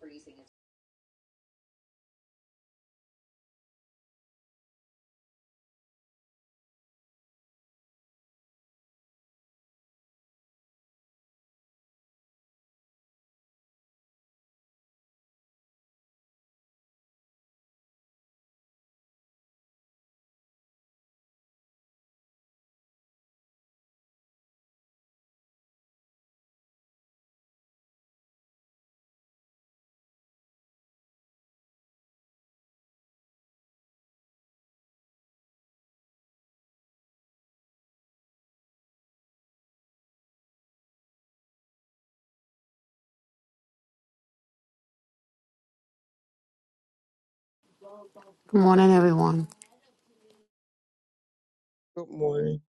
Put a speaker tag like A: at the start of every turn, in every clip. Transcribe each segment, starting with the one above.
A: freezing
B: Good morning, everyone.
C: Good morning.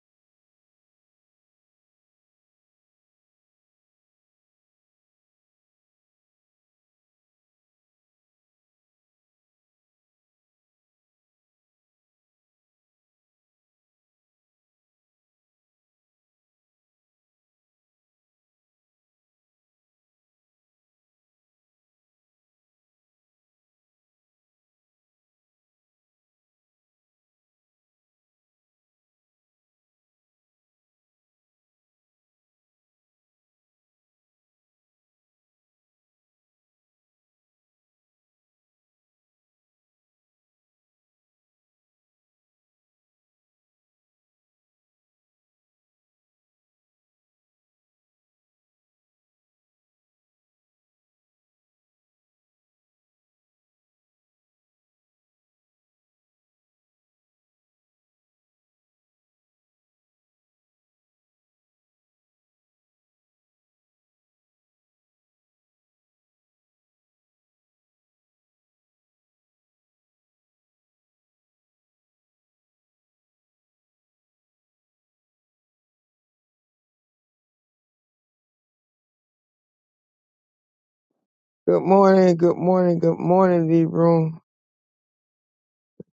C: Good morning. Good morning. Good morning, the room.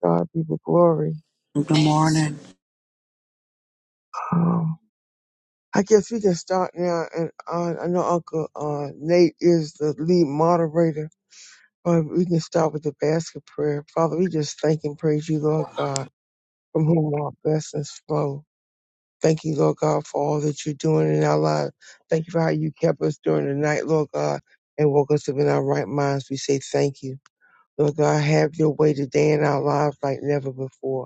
C: God be the glory.
D: Good morning.
C: Um, I guess we can start now. And uh, I know Uncle uh, Nate is the lead moderator, but we can start with the basket prayer. Father, we just thank and praise you, Lord God, from whom our blessings flow. Thank you, Lord God, for all that you're doing in our lives. Thank you for how you kept us during the night, Lord God, and woke us up in our right minds. We say thank you. Lord God, have your way today in our lives like never before.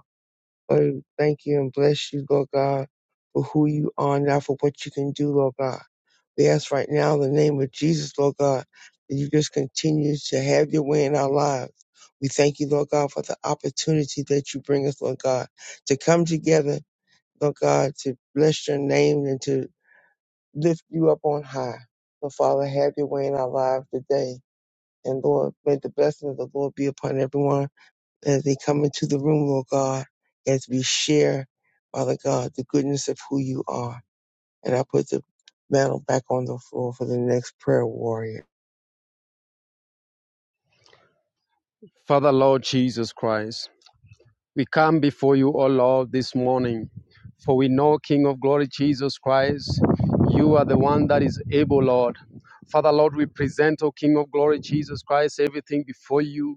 C: Lord, we thank you and bless you, Lord God, for who you are now, for what you can do, Lord God. We ask right now in the name of Jesus, Lord God, that you just continue to have your way in our lives. We thank you, Lord God, for the opportunity that you bring us, Lord God, to come together, Lord God, to bless your name and to lift you up on high. So, Father, have your way in our lives today. And Lord, may the blessing of the Lord be upon everyone as they come into the room, Lord God, as we share, Father God, the goodness of who you are. And I put the mantle back on the floor for the next prayer warrior.
E: Father, Lord Jesus Christ, we come before you, O Lord, this morning, for we know, King of glory, Jesus Christ, you are the one that is able, Lord. Father, Lord, we present, O King of glory, Jesus Christ, everything before you.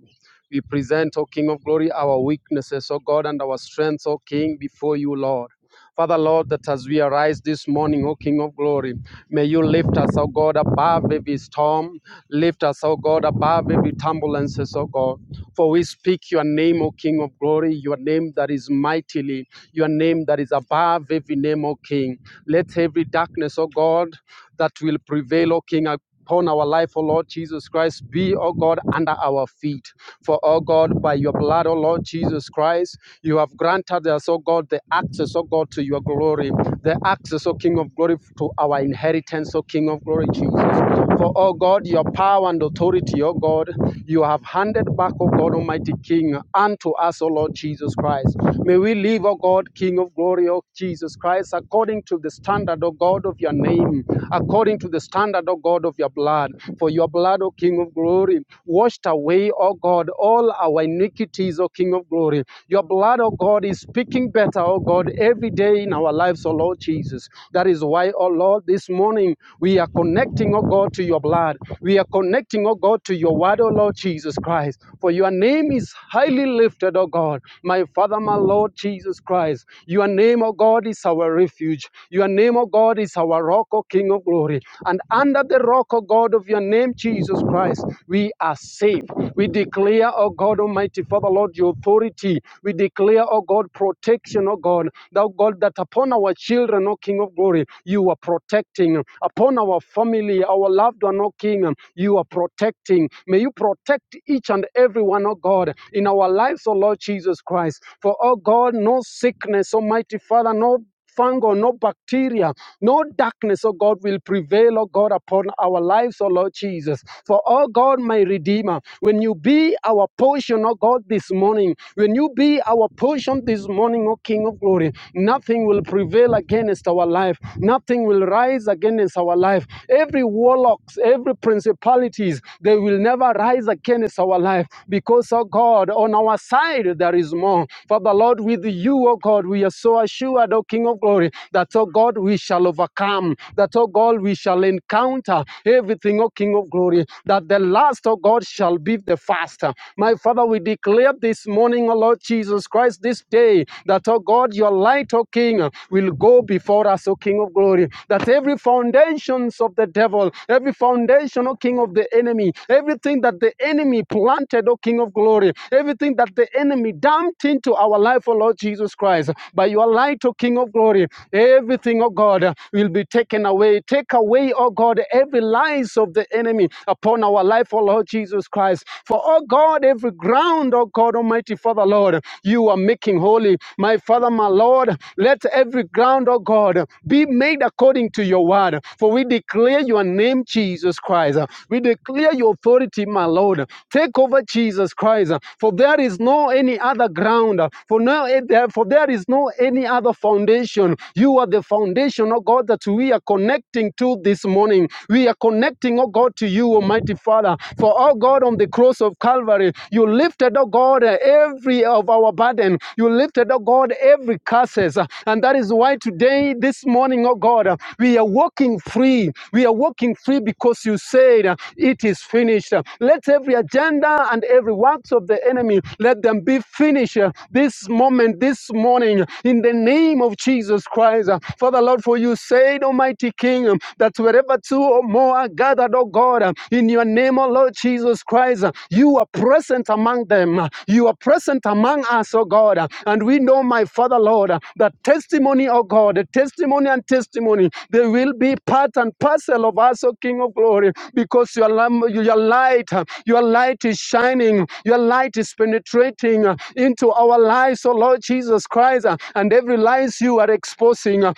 E: We present, O King of glory, our weaknesses, O God, and our strengths, O King, before you, Lord. Father Lord, that as we arise this morning, O King of glory, may you lift us, O God, above every storm. Lift us, O God, above every turbulences, O God. For we speak your name, O King of glory, your name that is mightily, your name that is above every name, O King. Let every darkness, O God, that will prevail, O King, upon our life, O Lord Jesus Christ. Be, O God, under our feet. For, O God, by your blood, O Lord Jesus Christ, you have granted us, O God, the access, O God, to your glory, the access, O King of glory, to our inheritance, O King of glory, Jesus. For, O God, your power and authority, O God, you have handed back, O God, Almighty King, unto us, O Lord Jesus Christ. May we live, O God, King of glory, O Jesus Christ, according to the standard, O God, of your name, according to the standard, O O God, of your blood. For your blood, O King of glory, washed away, O God, all our iniquities, O King of glory. Your blood, O God, is speaking better, O God, every day in our lives, O Lord Jesus. That is why, O Lord, this morning we are connecting, O God, to your blood. We are connecting, O God, to your word, O Lord Jesus Christ. For your name is highly lifted, O God. My Father, my Lord Jesus Christ. Your name, O God, is our refuge. Your name, O God, is our rock, O King of glory. And and under the rock, O God, of your name, Jesus Christ, we are safe. We declare, O God Almighty, Father Lord, your authority. We declare, O God, protection, O God, thou God, that upon our children, O King of glory, you are protecting. Upon our family, our loved one, O King, you are protecting. May you protect each and every one, O God, in our lives, O Lord Jesus Christ. For, O God, no sickness, Almighty Father, no fungal, no bacteria, no darkness, oh God, will prevail, oh God, upon our lives, oh Lord Jesus. For, oh God, my Redeemer, when you be our portion, oh God, this morning, when you be our portion this morning, oh King of glory, nothing will prevail against our life, nothing will rise against our life. Every warlocks, every principalities, they will never rise against our life because, oh God, on on our side there is more. Father Lord, with you, oh God, we are so assured, oh King of glory, that, oh God, we shall overcome, that, oh God, we shall encounter everything, oh King of glory, that the last, oh God, shall be the first. My Father, we declare this morning, oh Lord Jesus Christ, this day, that, oh God, your light, oh King, will go before us, O King of glory, that every foundations of the devil, every foundation creation, oh King of the enemy. Everything that the enemy planted, oh King of glory. Everything that the enemy dumped into our life, oh Lord Jesus Christ. By your light, oh King of glory, everything, oh God, will be taken away. Take away, oh God, every lies of the enemy upon our life, oh Lord Jesus Christ. For, oh God, every ground, oh God, Almighty Father, Lord, you are making holy. My Father, my Lord, let every ground, O land, O God, be made according to your word. For we declare your name, Jesus Christ. We declare your authority, my Lord. Take over Jesus Christ. For there is no any other ground. For no for there is no any other foundation. You are the foundation, O God, that we are connecting to this morning. We are connecting, O God, to you, Almighty Father. For oh God, on the cross of Calvary, you lifted, O God, every every of our burden. You lifted, oh God, every curses. And that is why today, this morning, oh God, we are walking free. We are walking free because you said uh, it is finished. Let every agenda and every works of the enemy, let them be finished uh, this moment, this morning, in the name of Jesus Christ. Uh, Father Lord, for you said, Almighty King, um, that wherever two or more are gathered, oh God, uh, in your name, O Lord Jesus Christ. uh, You are present among them. uh, You are present among us, O God. uh, And we know, my Father, Lord, that testimony, O God, the testimony and testimony, they will be part and parcel of us, O King of Glory, because your, your light, uh, your light is shining, your light is penetrating uh, into our lives, O Lord Jesus Christ, uh, and every lies you are exposing. uh,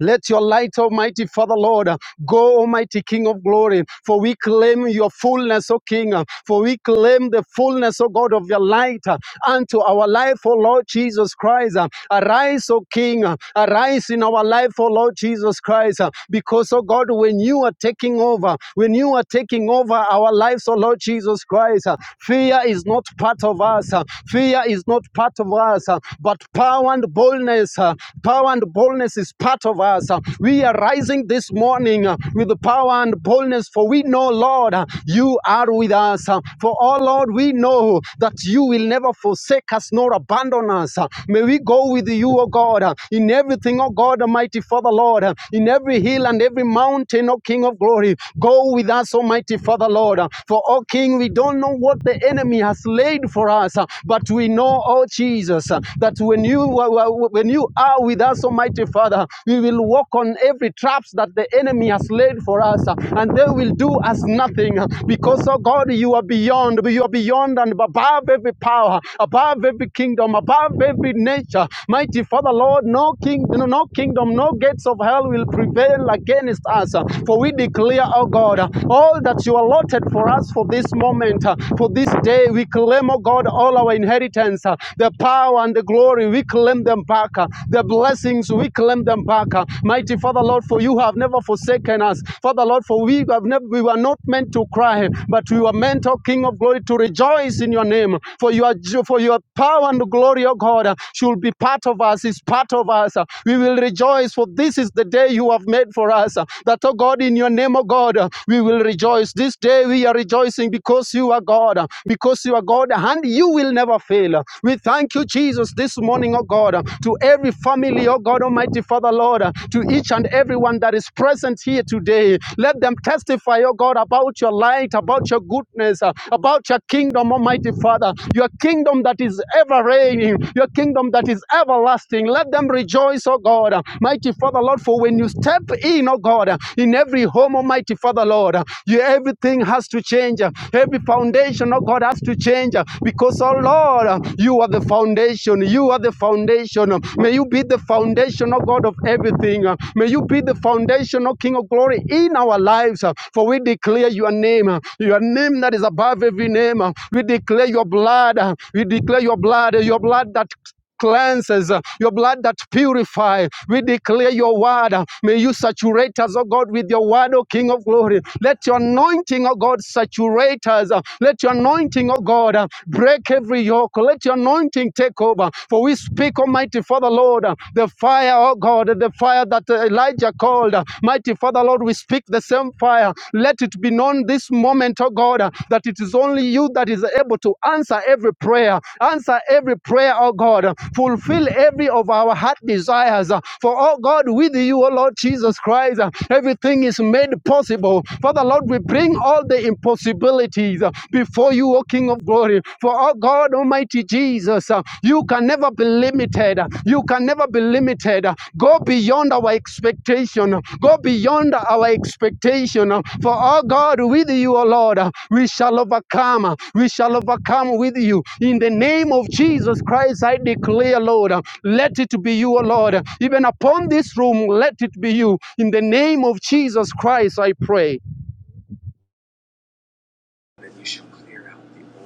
E: let your light, Almighty Father, Lord, uh, go, Almighty King of glory, for we claim your fullness, O King, uh, for we claim the fullness, O God, of your light uh, unto our life, O Lord Jesus Christ. uh, Arise, O King, uh, arise in our life, O Lord Jesus Christ, uh, because, O God, when you are taking over, when you are taking over our lives, O Lord Jesus Christ, uh, fear is not part of us, uh, fear is not part of us, uh, but power and boldness, uh, power power and boldness is part of us. Uh, We are rising this morning uh, with the power and boldness, for we know, Lord, uh, you are with us. Uh, For oh, Lord, we know that you will never forsake us nor abandon us. Uh, May we go with you, O God, uh, in everything, O God, Almighty Father, Lord, uh, in every hill and every mountain, O King of glory. Go with us, Almighty Father, Lord. Uh, For, O King, we don't know what the enemy has laid for us, uh, but we know, O Jesus, uh, that when you when you are with us, Almighty Father, we will walk on every traps that the enemy has laid for us, uh, and they will do us nothing uh, because, oh God, you are beyond, you are beyond and above every power, above every kingdom, above every nature. Mighty Father, Lord, no king, no no kingdom, no gates of hell will prevail against us, uh, for we declare, oh God, uh, all that you allotted for us for this moment, uh, for this day, we claim, oh God, all our inheritance, uh, the power power and the glory. We claim them back. uh, The blessings, we claim them back. uh. Mighty Father, Lord, for you have never forsaken us. Father, Lord, for we have never we were not meant to cry, but we were meant, O King of glory, to rejoice in your name. For your jo- for your power and glory, O God, uh, should be part of us, is part of us. uh. We will rejoice, for this is the day you have made for us. uh, That, O God, in your name, O God, uh, we will rejoice. This day we are rejoicing because you are God, uh, because you are God, and you will never never fail. We thank you, Jesus, this morning, oh God, to every family, oh God, Almighty Father, Lord, to each and everyone that is present here today. Let them testify, oh God, about your light, about your goodness, uh, about your kingdom, Almighty Father, your kingdom that is ever reigning, your kingdom that is everlasting. Let them rejoice, oh God, mighty Father, Lord, for when you step in, oh God, in every home, Almighty Father, Lord, you, everything has to change. Every foundation, oh God, has to change change uh, because, oh Lord, uh, you are the foundation. You are the foundation. Uh, May you be the foundation, oh God, of everything. Uh, May you be the foundation, oh King of glory, in our lives. uh, For we declare your name, uh, your name that is above every name. uh, We declare your blood. uh, We declare your blood, uh, your blood that cleanses, uh, your blood that purifies. We declare your word. uh, May you saturate us, O God, with your word, O King of glory. Let your anointing, O God, saturate us. uh, Let your anointing, O God, uh, break every yoke. Let your anointing take over. For we speak, Almighty Father, Lord, uh, the fire, O God, the fire that uh, Elijah called. uh, Mighty Father, Lord, we speak the same fire let it be known this moment, oh God, uh, that it is only you that is able to answer every prayer. Answer every prayer, oh God. Uh, Fulfill every of our heart desires. uh, For, oh God, with you, oh Lord Jesus Christ, uh, everything is made possible. Father, Lord, we bring all the impossibilities uh, before you, O King of glory. For, oh God, Almighty Jesus, uh, you can never never be limited. You can never be limited. Go beyond our expectation. Go beyond our expectation. For our God, with you, O Lord, we shall overcome. We shall overcome with you. In the name of Jesus Christ, I declare, Lord, let it be you, O Lord. Even upon this room, let it be you. In the name of Jesus Christ, I pray.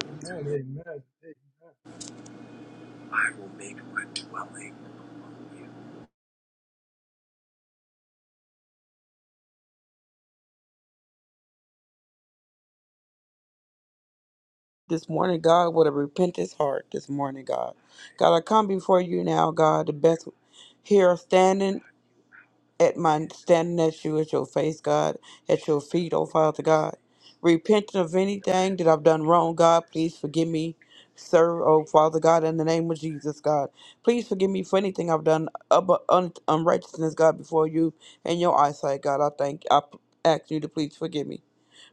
F: Amen. Amen.
D: This morning, God, with a repentance heart this morning, God. God, I come before you now, God, the best here standing. at my standing at you at your face, God, at your feet, oh Father God. Repenting of anything that I've done wrong, God, please forgive me, sir, oh Father God, in the name of Jesus, God. Please forgive me for anything I've done of un- unrighteousness, God, before you and your eyesight, God. I thank, I p- ask you to please forgive me.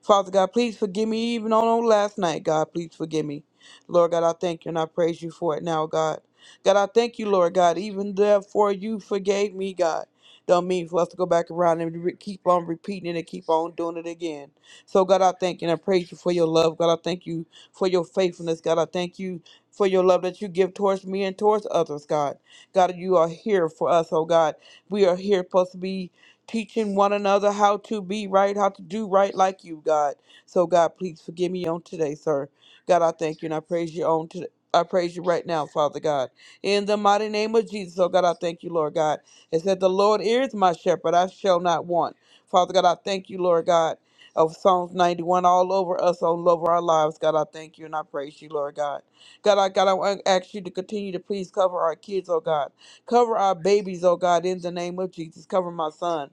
D: Father God, please forgive me even on on last night, God. Please forgive me. Lord God, I thank you and I praise you for it now, God. God, I thank you, Lord God, even therefore you forgave me, God. Don't mean for us to go back around and re- keep on repeating it and keep on doing it again. So, God, I thank you and I praise you for your love. God, I thank you for your faithfulness. God, I thank you for your love that you give towards me and towards others, God. God, you are here for us, oh God. We are here supposed to be teaching one another how to be right, how to do right like you, God. So, God, please forgive me on today, sir. God, I thank you and I praise you on today. I praise you right now, Father God. In the mighty name of Jesus, oh God, I thank you, Lord God. It said, The Lord is my shepherd, I shall not want. Father God, I thank you, Lord God, of Psalms 91 all over us, all over our lives. God, I thank you and I praise you, Lord God. God, I God, I want to ask you to continue to please cover our kids, oh God. Cover our babies, oh God, in the name of Jesus. Cover my son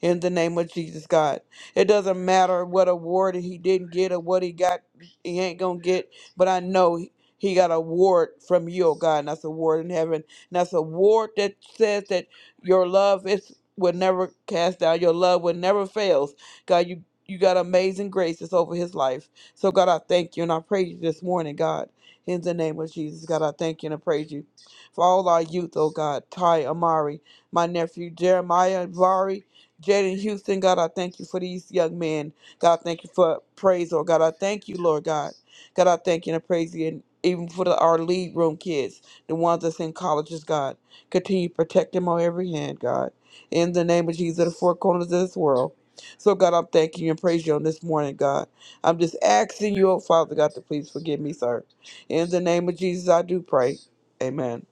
D: in the name of Jesus, God. It doesn't matter what award he didn't get or what he got, he ain't going to get, but I know he he got a award from you, oh God, and that's a award in heaven. And that's a award that says that your love is will never cast down, your love will never fails. God, you you got amazing graces over his life. So God, I thank you and I praise you this morning, God. In the name of Jesus, God, I thank you and I praise you for all our youth, oh God. Ty Amari, my nephew Jeremiah Amari. Jaden Houston, God, I thank you for these young men. God, I thank you for praise, Lord God. I thank you, Lord God. God, I thank you and I praise you. And even for the, our lead room kids, the ones that's in colleges, God, continue to protect them on every hand, God. In the name of Jesus, the four corners of this world. So, God, I'm thanking you and praise you on this morning, God. I'm just asking you, oh, Father God, to please forgive me, sir. In the name of Jesus, I do pray. Amen.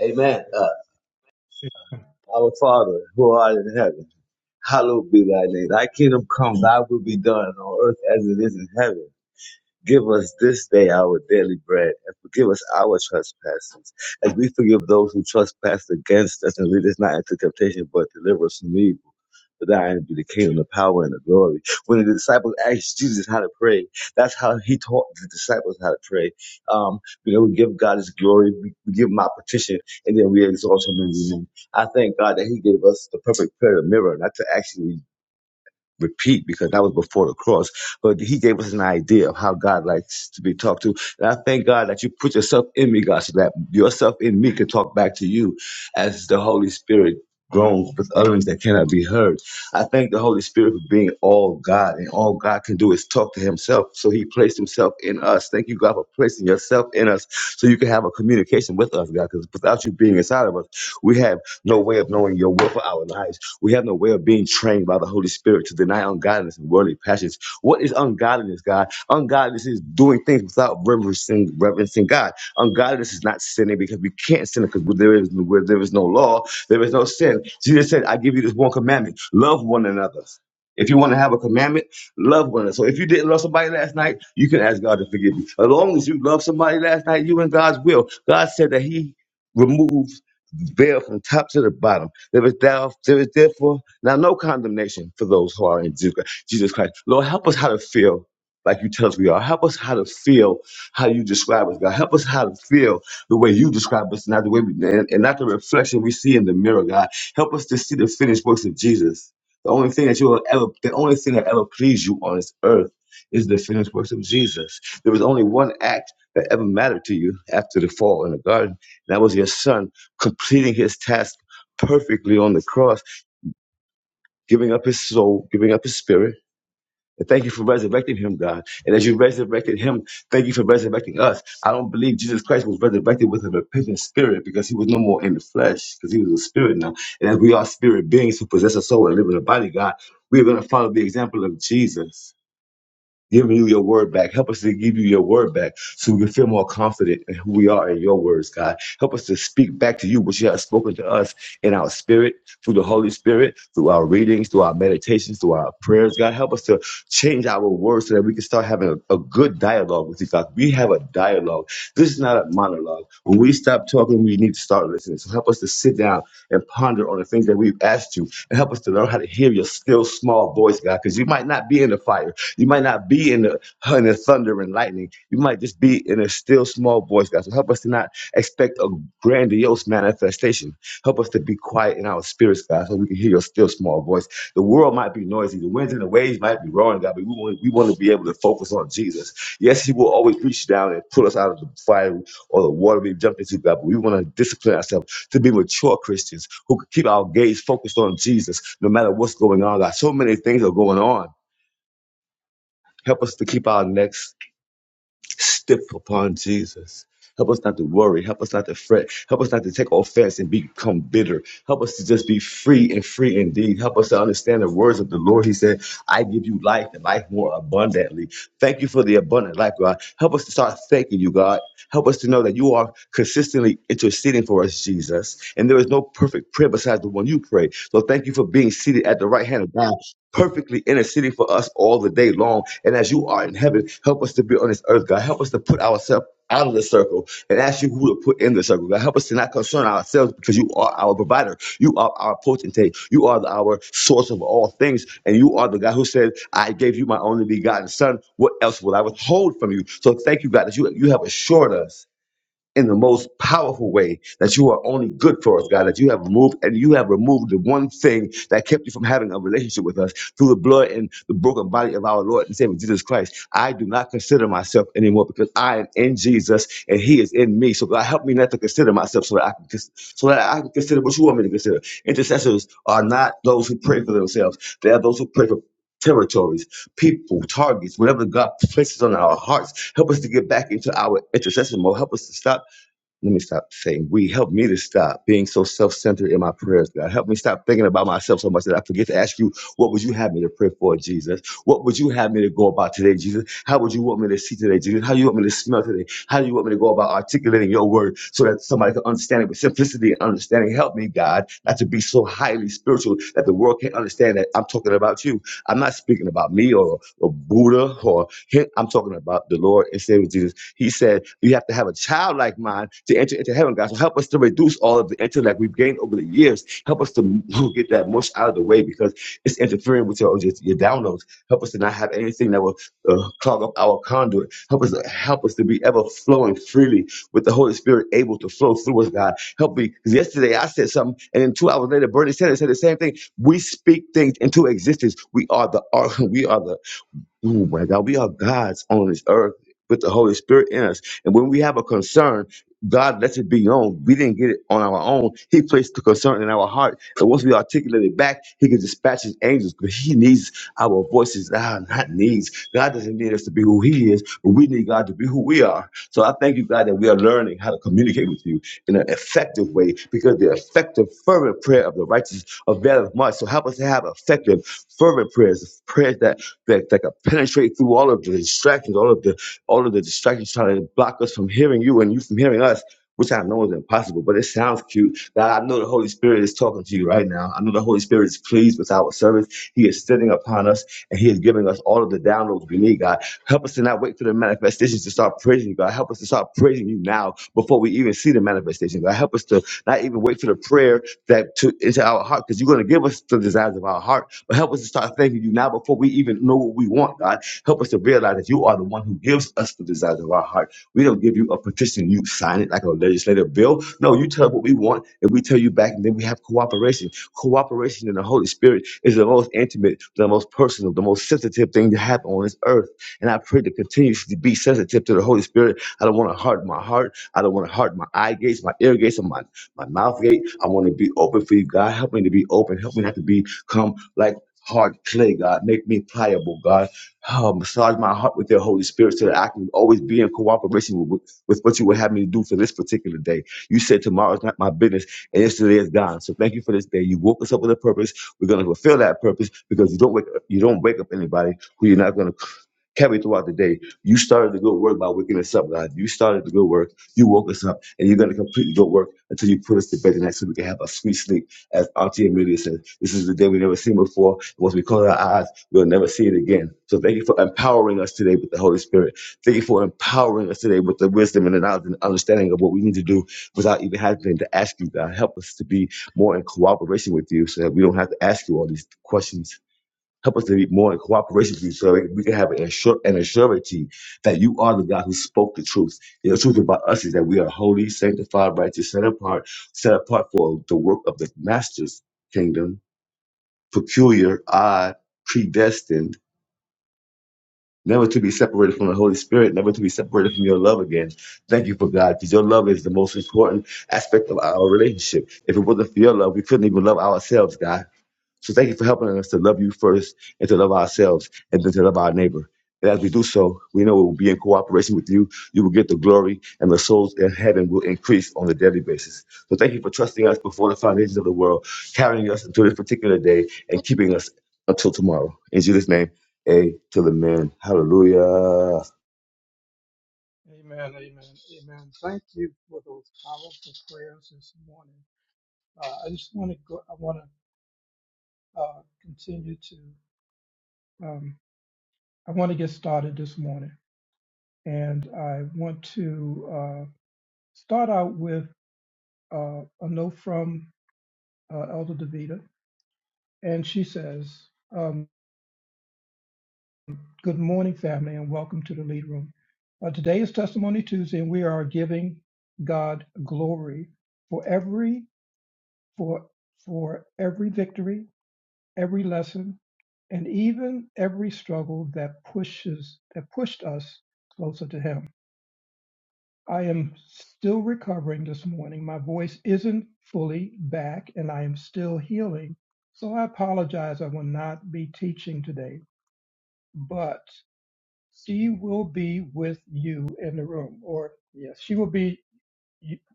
G: Amen. Uh,
F: Amen.
G: our Father, who art in heaven, hallowed be thy name. Thy kingdom come, thy will be done on earth as it is in heaven. Give us this day our daily bread, and forgive us our trespasses, as we forgive those who trespass against us, and lead us not into temptation, but deliver us from evil. For thine be the kingdom, the power, and the glory. When the disciples asked Jesus how to pray, that's how he taught the disciples how to pray. Um, you know, we give God his glory, we, we give him our petition, and then we exalt him in the name. I thank God that he gave us the perfect prayer mirror, not to actually repeat because that was before the cross. But he gave us an idea of how God likes to be talked to. And I thank God that you put yourself in me, God, so that yourself in me can talk back to you as the Holy Spirit groans with utterance that cannot be heard. I thank the Holy Spirit for being all God, and all God can do is talk to himself. So he placed himself in us. Thank you, God, for placing yourself in us so you can have a communication with us, God, because without you being inside of us, we have no way of knowing your will for our lives. We have no way of being trained by the the Holy Spirit to deny ungodliness and worldly passions. What is ungodliness, God? Ungodliness is doing things without reverencing, reverencing God. Ungodliness is not sinning because we can't sin because where there is where there is no law, there is no sin. Jesus said, "I give you this one commandment: love one another." If you want to have a commandment, love one another. So if you didn't love somebody last night, you can ask God to forgive you. As long as you love somebody last night, you in God's will. God said that He removes veil from top to the bottom. There is, thou, there is therefore now no condemnation for those who are in Jesus Christ. Lord, help us how to feel like you tell us we are. Help us how to feel how you describe us, God. Help us how to feel the way you describe us, not the way we, and, and not the reflection we see in the mirror, God. Help us to see the finished works of Jesus. The only thing that you will ever, the only thing that ever pleased you on this earth is the finished works of Jesus. There was only one act that ever mattered to you after the fall in the garden, and that was your son completing his task perfectly on the cross, giving up his soul, giving up his spirit. And thank you for resurrecting him, God. And as you resurrected him, thank you for resurrecting us. I don't believe Jesus Christ was resurrected with a repentant spirit because he was no more in the flesh, because he was a spirit now. And as we are spirit beings who possess a soul and live in a body, God, we are going to follow the example of Jesus. Give you your word back. Help us to give you your word back so we can feel more confident in who we are in your words, God. Help us to speak back to you what you have spoken to us in our spirit, through the Holy Spirit, through our readings, through our meditations, through our prayers, God. Help us to change our words so that we can start having a, a good dialogue with you, God. We have a dialogue. This is not a monologue. When we stop talking, we need to start listening. So help us to sit down and ponder on the things that we've asked you and help us to learn how to hear your still small voice, God, because you might not be in the fire. You might not be in the, in the thunder and lightning. You might just be in a still small voice, God. So help us to not expect a grandiose manifestation Help us to be quiet in our spirits, God, so we can hear your still small voice. The world might be noisy, the winds and the waves might be roaring, God, but we want, we want to be able to focus on Jesus. Yes, He will always reach down and pull us out of the fire or the water we've jumped into, God, but we want to discipline ourselves to be mature Christians who can keep our gaze focused on Jesus no matter what's going on, God. So many things are going on. Help us to keep our necks stiff upon Jesus. Help us not to worry. Help us not to fret. Help us not to take offense and become bitter. Help us to just be free and free indeed. Help us to understand the words of the Lord. He said, I give you life and life more abundantly. Thank you for the abundant life, God. Help us to start thanking you, God. Help us to know that you are consistently interceding for us, Jesus. And there is no perfect prayer besides the one you pray. So thank you for being seated at the right hand of God perfectly interceding for us all the day long. And as you are in heaven, help us to be on this earth, God. Help us to put ourselves out of the circle and ask you who to put in the circle. God, help us to not concern ourselves because you are our provider. You are our potentate. You are the- our source of all things. And you are the God who said, I gave you my only begotten son. What else will I withhold from you? So thank you, God, that you, you have assured us in the most powerful way that you are only good for us, God, that you have removed and you have removed the one thing that kept you from having a relationship with us through the blood and the broken body of our Lord and Savior Jesus Christ. I do not consider myself anymore because I am in Jesus and He is in me. So God help me not to consider myself so that I can cons- so that I can consider what you want me to consider. Intercessors are not those who pray for themselves. They are those who pray for territories, people, targets, whatever God places on our hearts. Help us to get back into our intercession mode. Help us to stop let me stop saying we. Help me to stop being so self-centered in my prayers, God. Help me stop thinking about myself so much that I forget to ask you, what would you have me to pray for, Jesus? What would you have me to go about today, Jesus? How would you want me to see today, Jesus? How do you want me to smell today? How do you want me to go about articulating your word so that somebody can understand it with simplicity and understanding? Help me, God, not to be so highly spiritual that the world can't understand that I'm talking about you. I'm not speaking about me or, or Buddha or him. I'm talking about the Lord and Savior Jesus. He said you have to have a childlike mind to enter into heaven, God. So help us to reduce all of the intellect we've gained over the years. Help us to get that mush out of the way because it's interfering with your, your, your downloads. Help us to not have anything that will uh, clog up our conduit. Help us help us to be ever flowing freely with the Holy Spirit able to flow through us, God. Help me. Because yesterday I said something, and then two hours later, Bernie Sanders said the same thing. We speak things into existence. We are the We are the. Oh my God, we are gods on this earth with the Holy Spirit in us. And when we have a concern, God lets it be known. We didn't get it on our own. He placed the concern in our heart. And once we articulate it back, He can dispatch His angels. But He needs our voices, ah, not needs. God doesn't need us to be who He is, but we need God to be who we are. So I thank you, God, that we are learning how to communicate with you in an effective way because the effective, fervent prayer of the righteous availeth much. So help us to have effective, fervent prayers, prayers that that, that can penetrate through all of the distractions, all of the all of the distractions trying to block us from hearing you and you from hearing us, which I know is impossible, but it sounds cute. That I know the Holy Spirit is talking to you right now. I know the Holy Spirit is pleased with our service. He is sitting upon us and He is giving us all of the downloads we need, God. Help us to not wait for the manifestations to start praising you, God. Help us to start praising you now before we even see the manifestation, God. Help us to not even wait for the prayer that to into our heart, because you're going to give us the desires of our heart. But help us to start thanking you now before we even know what we want, God. Help us to realize that you are the one who gives us the desires of our heart. We don't give you a petition, you sign it like a legislative bill. No, you tell us what we want, and we tell you back, and then we have cooperation. Cooperation in the Holy Spirit is the most intimate, the most personal, the most sensitive thing to happen on this earth. And I pray to continuously be sensitive to the Holy Spirit. I don't want to harden my heart. I don't want to harden my eye gates, my ear gates, or my my mouth gate. I want to be open for you, God. Help me to be open. Help me not to become like hard clay, God. Make me pliable, God. Oh, massage my heart with your Holy Spirit so that I can always be in cooperation with, with what you would have me to do for this particular day. You said tomorrow's not my business and yesterday is gone. So thank you for this day. You woke us up with a purpose. We're gonna fulfill that purpose because you don't wake up, you don't wake up anybody who you're not gonna carry throughout the day. You started the good work by waking us up, God. You started the good work. You woke us up, and you're going to complete the good work until you put us to bed tonight so we can have a sweet sleep. As Auntie Amelia said, this is the day we've never seen before. Once we close our eyes, we'll never see it again. So thank you for empowering us today with the Holy Spirit. Thank you for empowering us today with the wisdom and the knowledge and understanding of what we need to do without even having to ask you, God. Help us to be more in cooperation with you so that we don't have to ask you all these questions Help us to be more in cooperation with you so that we can have an, assur- an assurance that you are the God who spoke the truth. And The truth about us is that we are holy, sanctified, righteous, set apart, set apart for the work of the Master's kingdom, peculiar, odd, predestined, never to be separated from the Holy Spirit, never to be separated from your love again. Thank you for God, because your love is the most important aspect of our relationship. If it wasn't for your love, we couldn't even love ourselves, God. So thank you for helping us to love you first and to love ourselves and then to love our neighbor. And as we do so, we know we will be in cooperation with you. You will get the glory and the souls in heaven will increase on a daily basis. So thank you for trusting us before the foundations of the world, carrying us until this particular day and keeping us until tomorrow. In Jesus' name, A to the man. Hallelujah.
F: Amen, amen, amen. Thank you for those powerful prayers this morning. Uh, I just want to go, I want to uh, continue to, um, I want to get started this morning. And I want to uh, start out with uh, a note from uh, Elder Davita. And she says, um, Good morning, family, and welcome to the lead room. Uh, today is Testimony Tuesday, and we are giving God glory for every for for every victory, every lesson, and even every struggle that pushes that pushed us closer to him. I am still recovering this morning. My voice isn't fully back and I am still healing. So I apologize I will not be teaching today, but she will be with you in the room or yes, she will be in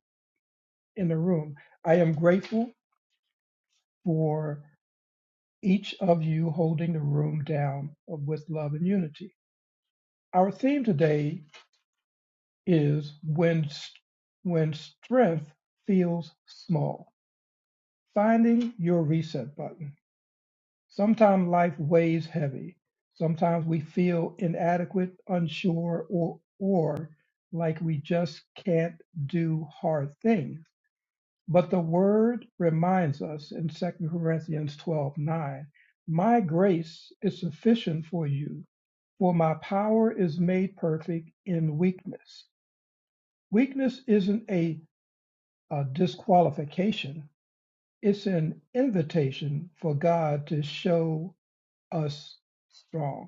F: the room. I am grateful for. each of you holding the room down with love and unity. Our theme today is when when strength feels small. Finding your reset button. Sometimes life weighs heavy. Sometimes we feel inadequate, unsure, or or like we just can't do hard things. But the word reminds us in 2 Corinthians 12:9, My grace is sufficient for you, for my power is made perfect in weakness. Weakness isn't a, a disqualification, it's an invitation for God to show us strong,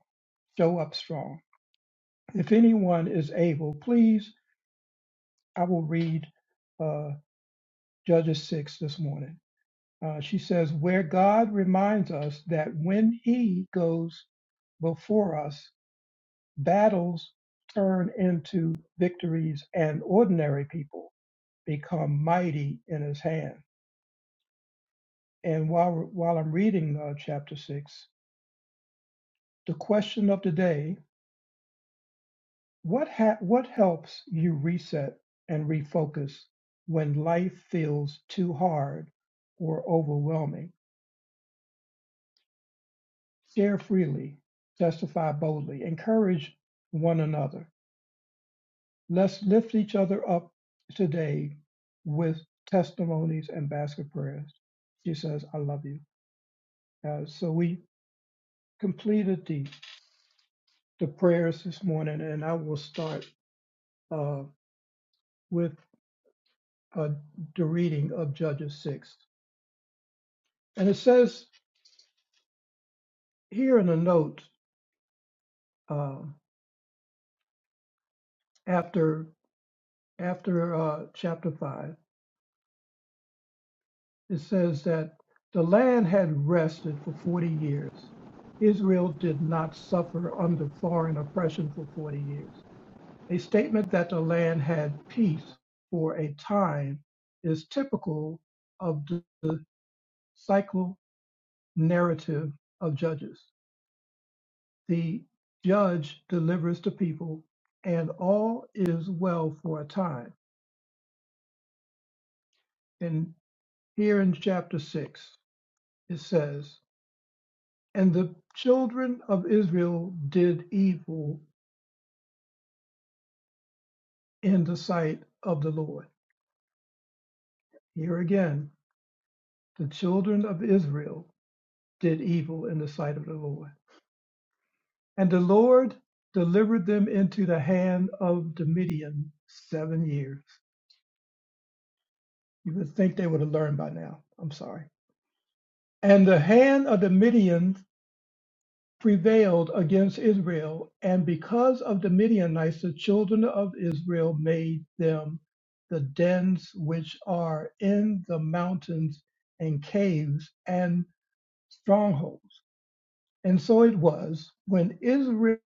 F: show up strong. If anyone is able, please, I will read uh, Judges 6 this morning. Uh, she says, where God reminds us that when He goes before us, battles turn into victories and ordinary people become mighty in His hand. And while, while I'm reading uh, chapter six, the question of the day what, ha- what helps you reset and refocus when life feels too hard or overwhelming? Share freely, testify boldly, encourage one another. Let's lift each other up today with testimonies and basket prayers. She says, I love you. Uh, so we completed the, the prayers this morning, and I will start uh, with uh, the reading of Judges 6. And it says here in a note uh, after after uh, chapter 5. it says that the land had rested for 40 years. Israel did not suffer under foreign oppression for 40 years. A statement that the land had peace for a time is typical of the the cycle narrative of Judges. The judge delivers the people, and all is well for a time. And here in chapter 6, it says, And the children of Israel did evil in the sight of the Lord. Here again, the children of Israel did evil in the sight of the Lord. And the Lord delivered them into the hand of the Midian seven years. You would think they would have learned by now. I'm sorry. And the hand of the Midian prevailed against Israel, and because of the Midianites the children of Israel made them the dens which are in the mountains and caves and strongholds. And so it was when Israel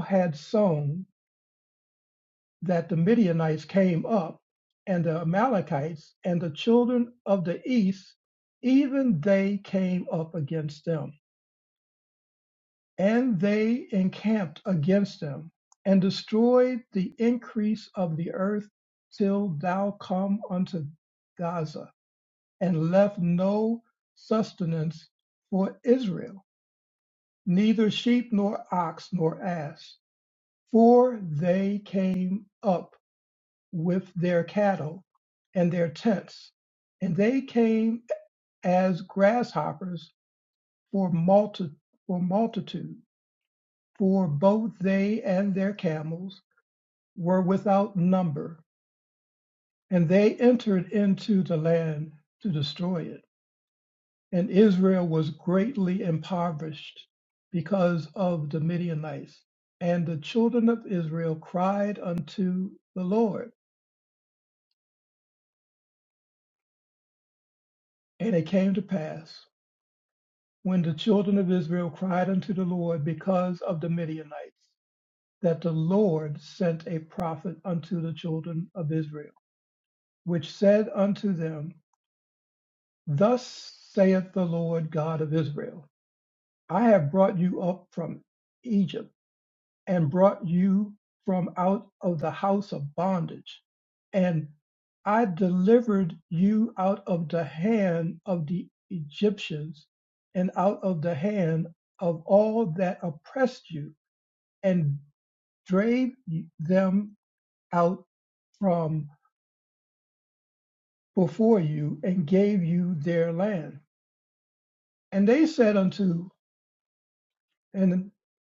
F: had sown that the Midianites came up and the Amalekites and the children of the east, even they came up against them And they encamped against them, and destroyed the increase of the earth till thou come unto Gaza, and left no sustenance for Israel, neither sheep nor ox nor ass. For they came up with their cattle and their tents, and they came as grasshoppers for, multi- for multitude for both they and their camels were without number, and they entered into the land to destroy it. And Israel was greatly impoverished because of the Midianites. And the children of Israel cried unto the Lord. And it came to pass, when the children of Israel cried unto the Lord because of the Midianites, that the Lord sent a prophet unto the children of Israel, which said unto them, Thus saith the Lord God of Israel I have brought you up from Egypt and brought you from out of the house of bondage, and I delivered you out of the hand of the Egyptians and out of the hand of all that oppressed you, and drave them out from before you, and gave you their land. And they said unto And,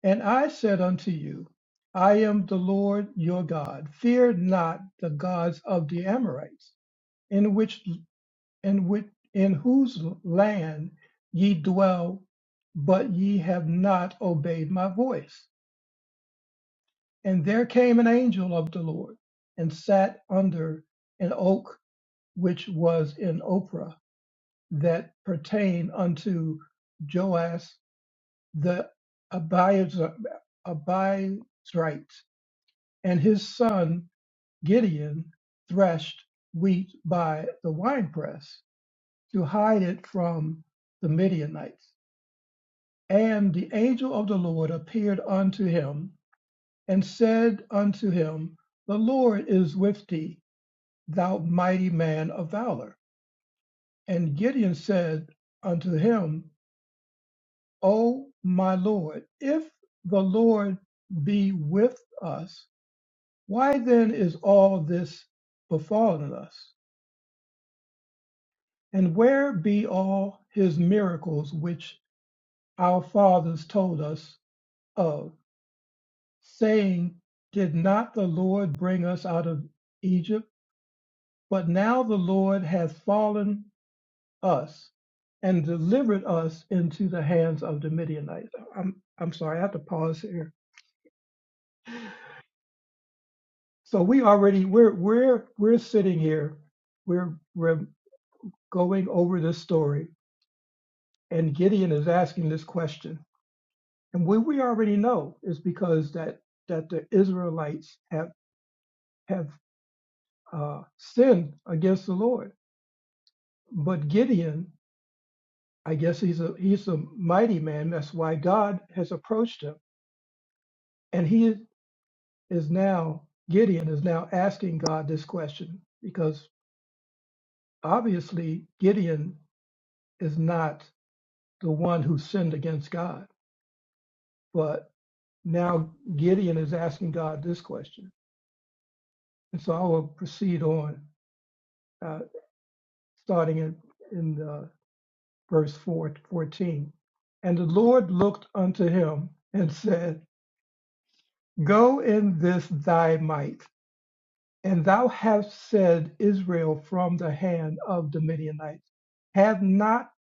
F: and I said unto you, I am the Lord your God. Fear not the gods of the Amorites, in which in which in whose land ye dwell, but ye have not obeyed my voice. And there came an angel of the Lord and sat under an oak which was in Ophrah that pertained unto Joas the Abiezrite and his son Gideon threshed wheat by the winepress to hide it from the Midianites. And the angel of the Lord appeared unto him and said unto him, The Lord is with thee, thou mighty man of valor. And Gideon said unto him, O my Lord, if the Lord be with us, why then is all this befallen us? And where be all his miracles which our fathers told us of, saying, Did not the Lord bring us out of Egypt? But now the Lord hath fallen us and delivered us into the hands of the Midianites. I'm I'm sorry, I have to pause here. So we already we're we're we're sitting here, we're we're going over this story, and Gideon is asking this question And what we already know is because that that the Israelites have have uh, sinned against the Lord. But Gideon, I guess he's a he's a mighty man. That's why God has approached him, and he is now Gideon is now asking God this question because obviously Gideon is not the one who sinned against God, but now Gideon is asking God this question. And so I will proceed on. uh, starting in, in uh, verse 4, 14. And the Lord looked unto him and said, Go in this thy might, and thou hast said Israel from the hand of the Midianites. Have not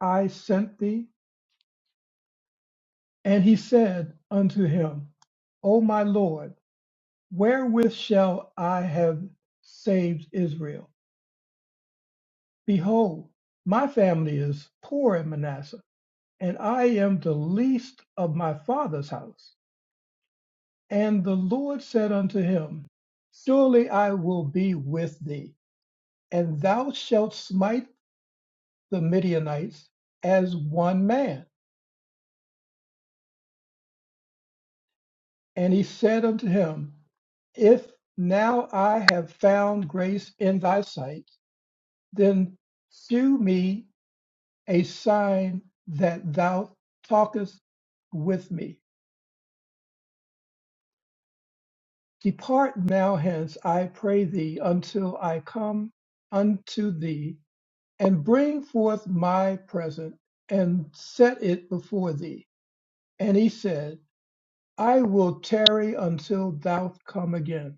F: I sent thee? And he said unto him, O my Lord, wherewith shall I have saved Israel? Behold, my family is poor in Manasseh and I am the least of my father's house. And the Lord said unto him, Surely I will be with thee, and thou shalt smite the Midianites as one man. And he said unto him, If now I have found grace in thy sight, then shew me a sign that thou talkest with me. Depart now hence, I pray thee, until I come unto thee, and bring forth my present, and set it before thee. And he said, I will tarry until thou come again.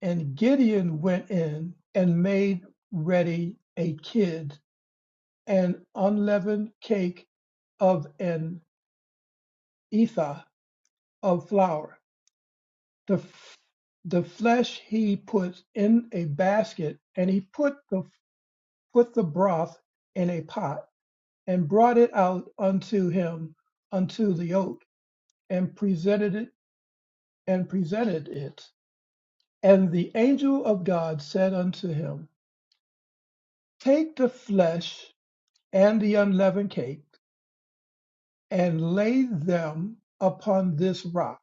F: And Gideon went in and made ready a kid, an unleavened cake of an ephah of flour. The f- the flesh he put in a basket, and he put the put the broth in a pot, and brought it out unto him unto the oak, and presented it and presented it. And the angel of God said unto him, Take the flesh and the unleavened cake, and lay them upon this rock,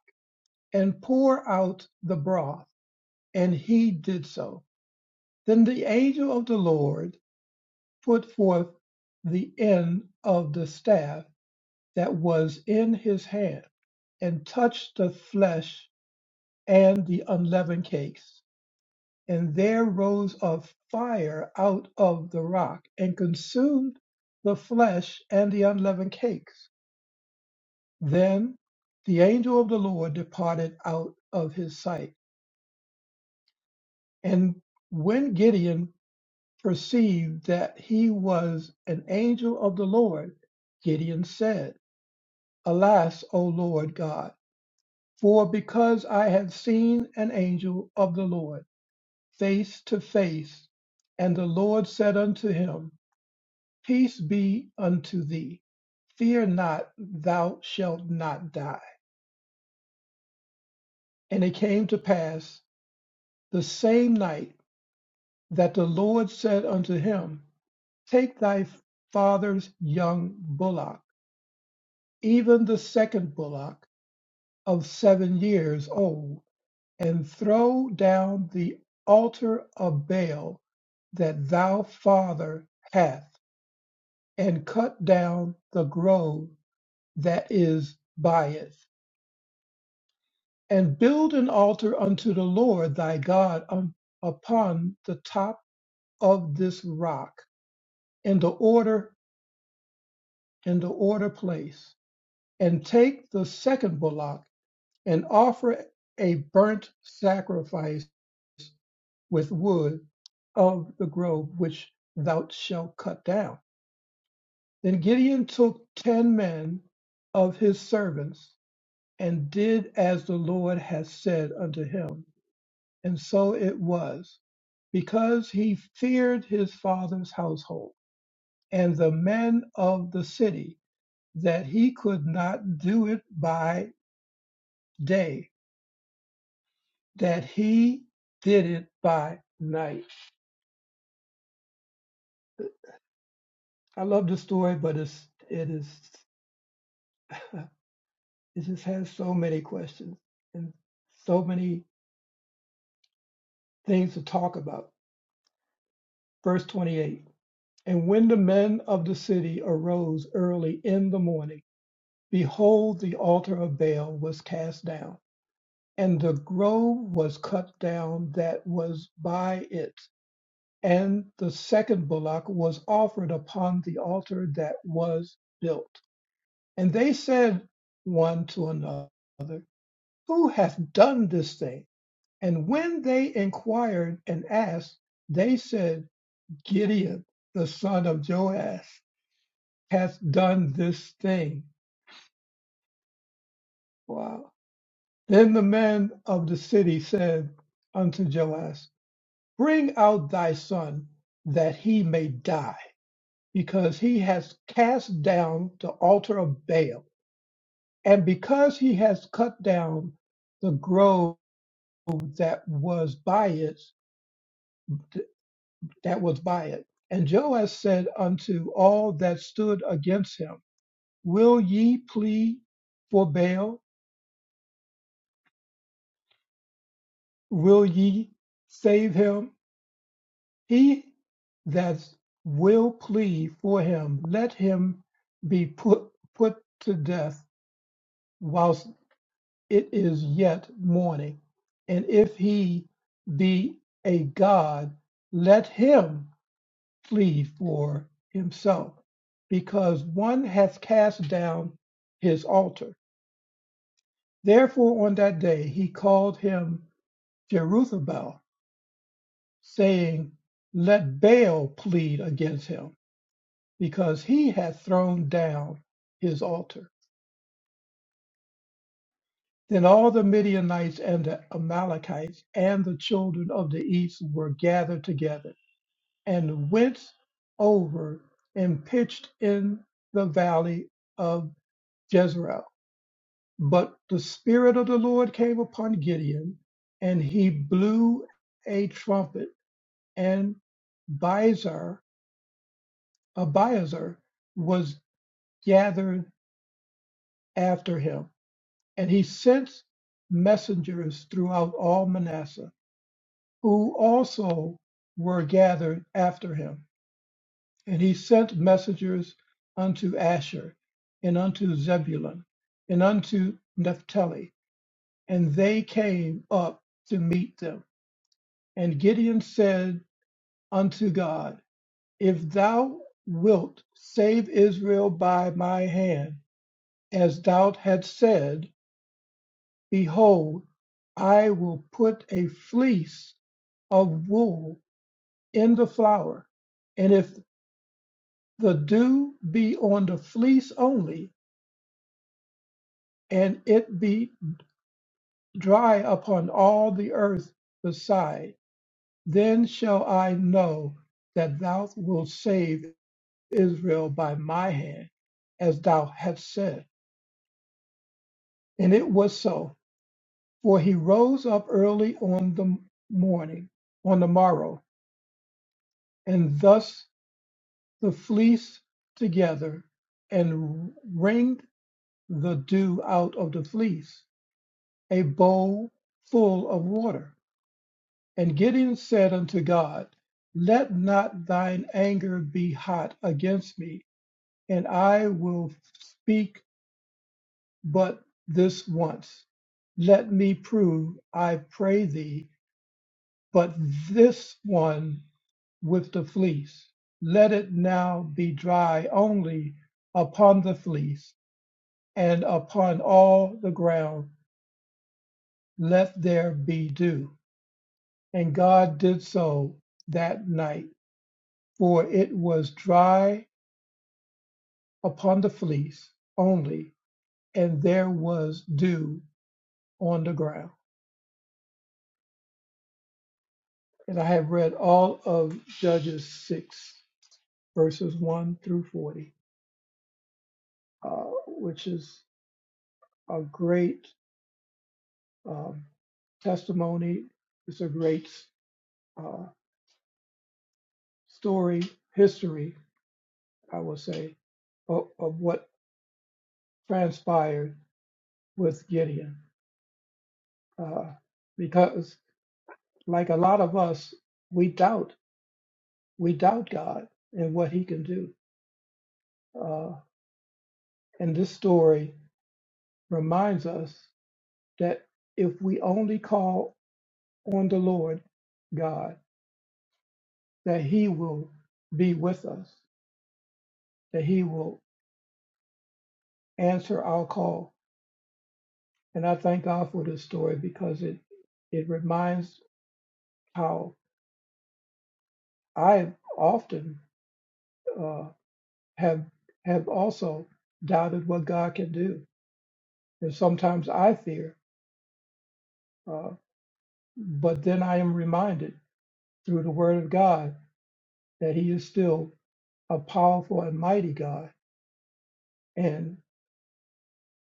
F: and pour out the broth. And he did so. Then the angel of the Lord put forth the end of the staff that was in his hand, and touched the flesh and the unleavened cakes. And there rose a fire out of the rock, and consumed the flesh and the unleavened cakes. Then the angel of the Lord departed out of his sight. And when Gideon perceived that he was an angel of the Lord, Gideon said, Alas, O Lord God! For because I have seen an angel of the Lord face to face, and the Lord said unto him, Peace be unto thee. Fear not, thou shalt not die. And it came to pass the same night that the Lord said unto him, Take thy father's young bullock, even the second bullock of seven years old, and throw down the altar of Baal that thou father hath, and cut down the grove that is by it, and build an altar unto the Lord thy God um, upon the top of this rock in the order in the order place, and take the second bullock and offer a burnt sacrifice with wood of the grove which thou shalt cut down. Then Gideon took ten men of his servants and did as the Lord had said unto him. And so it was, because he feared his father's household and the men of the city, that he could not do it by day, that he did it by night. I love the story, but it's it is. It just has so many questions and so many things to talk about. Verse 28 And when the men of the city arose early in the morning, behold, the altar of Baal was cast down, and the grove was cut down that was by it. And the second bullock was offered upon the altar that was built. And they said one to another, Who hath done this thing? And when they inquired and asked, they said, Gideon, the son of Joash, hath done this thing. Wow. Then the men of the city said unto Joash, Bring out thy son, that he may die, because he has cast down the altar of Baal, and because he has cut down the grove that was by it. that was by it. And Joash said unto all that stood against him, Will ye plead for Baal? Will ye save him? He that will plead for him, let him be put, put to death whilst it is yet morning. And if he be a god, let him flee for himself, because one hath cast down his altar. Therefore, on that day he called him Jerubbaal, saying, Let Baal plead against him, because he hath thrown down his altar. Then all the Midianites and the Amalekites and the children of the east were gathered together and went over and pitched in the valley of Jezreel But the Spirit of the Lord came upon Gideon, and he blew a trumpet, and Abiezer, Abiezer was gathered after him. And he sent messengers throughout all Manasseh, who also were gathered after him. And he sent messengers unto Asher, and unto Zebulun, and unto Naphtali, and they came up to meet them And Gideon said unto God, If thou wilt save Israel by my hand, as thou hast said, behold, I will put a fleece of wool in the flour, and if the dew be on the fleece only, and it be dry upon all the earth beside, then shall I know that thou wilt save Israel by my hand, as thou hast said. And it was so, for he rose up early on the morning, on the morrow, and thus the fleece together, and wringed the dew out of the fleece, a bowl full of water. And Gideon said unto God, Let not thine anger be hot against me, and I will speak but this once. Let me prove, I pray thee, but this one with the fleece. Let it now be dry only upon the fleece, and upon all the ground let there be dew. And God did so that night, for it was dry upon the fleece only, and there was dew on the ground. because I have read all of Judges 6, verses 1 through 40, uh, which is a great um, testimony. It's a great uh, story, history, I will say, of, of what transpired with Gideon. Uh, because, like a lot of us, we doubt, we doubt God and what he can do. Uh, and this story reminds us that if we only call on the Lord God that He will be with us, that He will answer our call. And I thank God for this story because it it reminds how I often uh, have have also doubted what God can do, and sometimes I fear. Uh, but then I am reminded through the Word of God that He is still a powerful and mighty God, and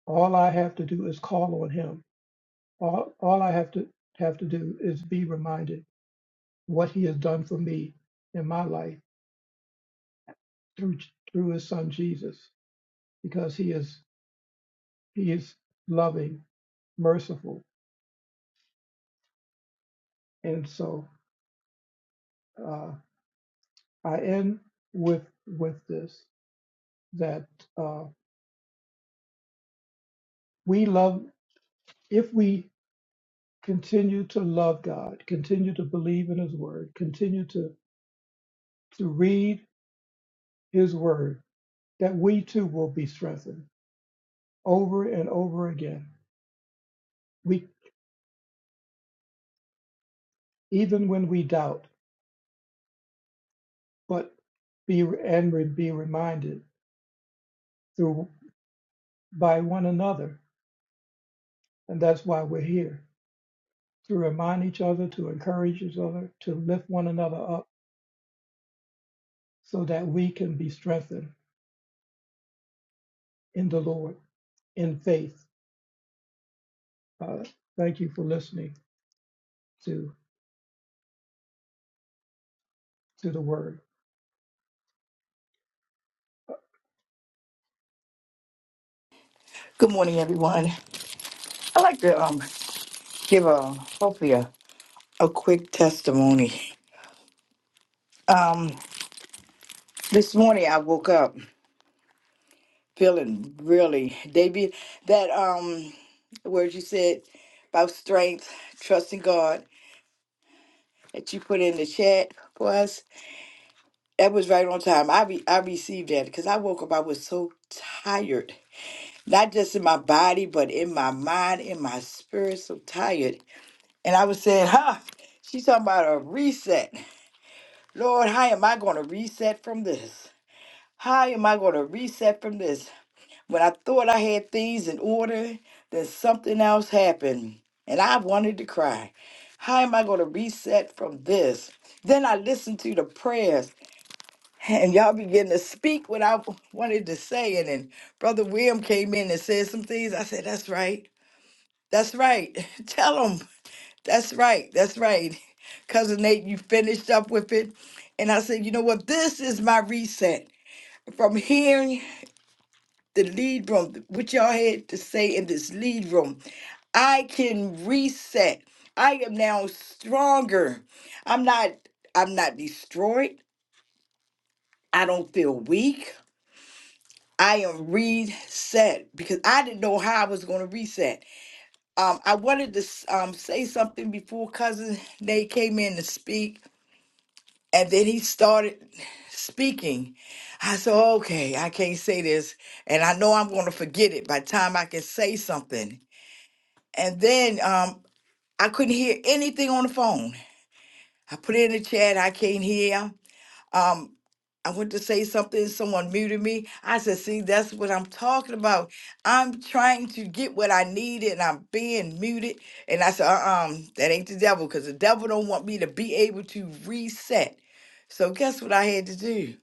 F: all I have to do is call on Him All, all I have to have to do is be reminded what He has done for me in my life through through His Son Jesus, because He is He is loving, merciful, and so uh, I end with with this that uh, we love if we continue to love God, continue to believe in His Word, continue to to read His Word, that we too will be strengthened over and over again. We. even when we doubt, but be and re- be reminded through by one another, and that's why we're here to remind each other, to encourage each other, to lift one another up, so that we can be strengthened in the Lord in faith. Uh, thank you for listening to to the word,
H: Good morning, everyone. I'd like to um, give a hopefully a, a quick testimony. Um, this morning I woke up feeling really, David, that um, word you said about strength, trusting God that you put in the chat for us. That was right on time. I re- I received that because I woke up. I was so tired, not just in my body, but in my mind, in my spirit. So tired, and I was saying, "Huh." She's talking about a reset. Lord, how am I going to reset from this? How am I going to reset from this? When I thought I had things in order, then something else happened and I wanted to cry. How am I going to reset from this? Then I listened to the prayers and y'all began to speak what I wanted to say. And then Brother William came in and said some things. I said, That's right. That's right. Tell them. That's right. That's right. Cousin Nate, you finished up with it. And I said, you know what? This is my reset. From hearing the lead room, what y'all had to say in this lead room, I can reset. I am now stronger. I'm not I'm not destroyed. I don't feel weak. I am reset because I didn't know how I was going to reset. Um, I wanted to s- um, say something before cousin Nate came in to speak And then he started speaking. I said, okay, I can't say this. And I know I'm going to forget it by the time I can say something. And then um, I couldn't hear anything on the phone. I put it in the chat, I can't hear. Um, I went to say something, someone muted me. I said, see, that's what I'm talking about. I'm trying to get what I need and I'm being muted. And I said, uh um, that ain't the devil because the devil don't want me to be able to reset. So guess what I had to do?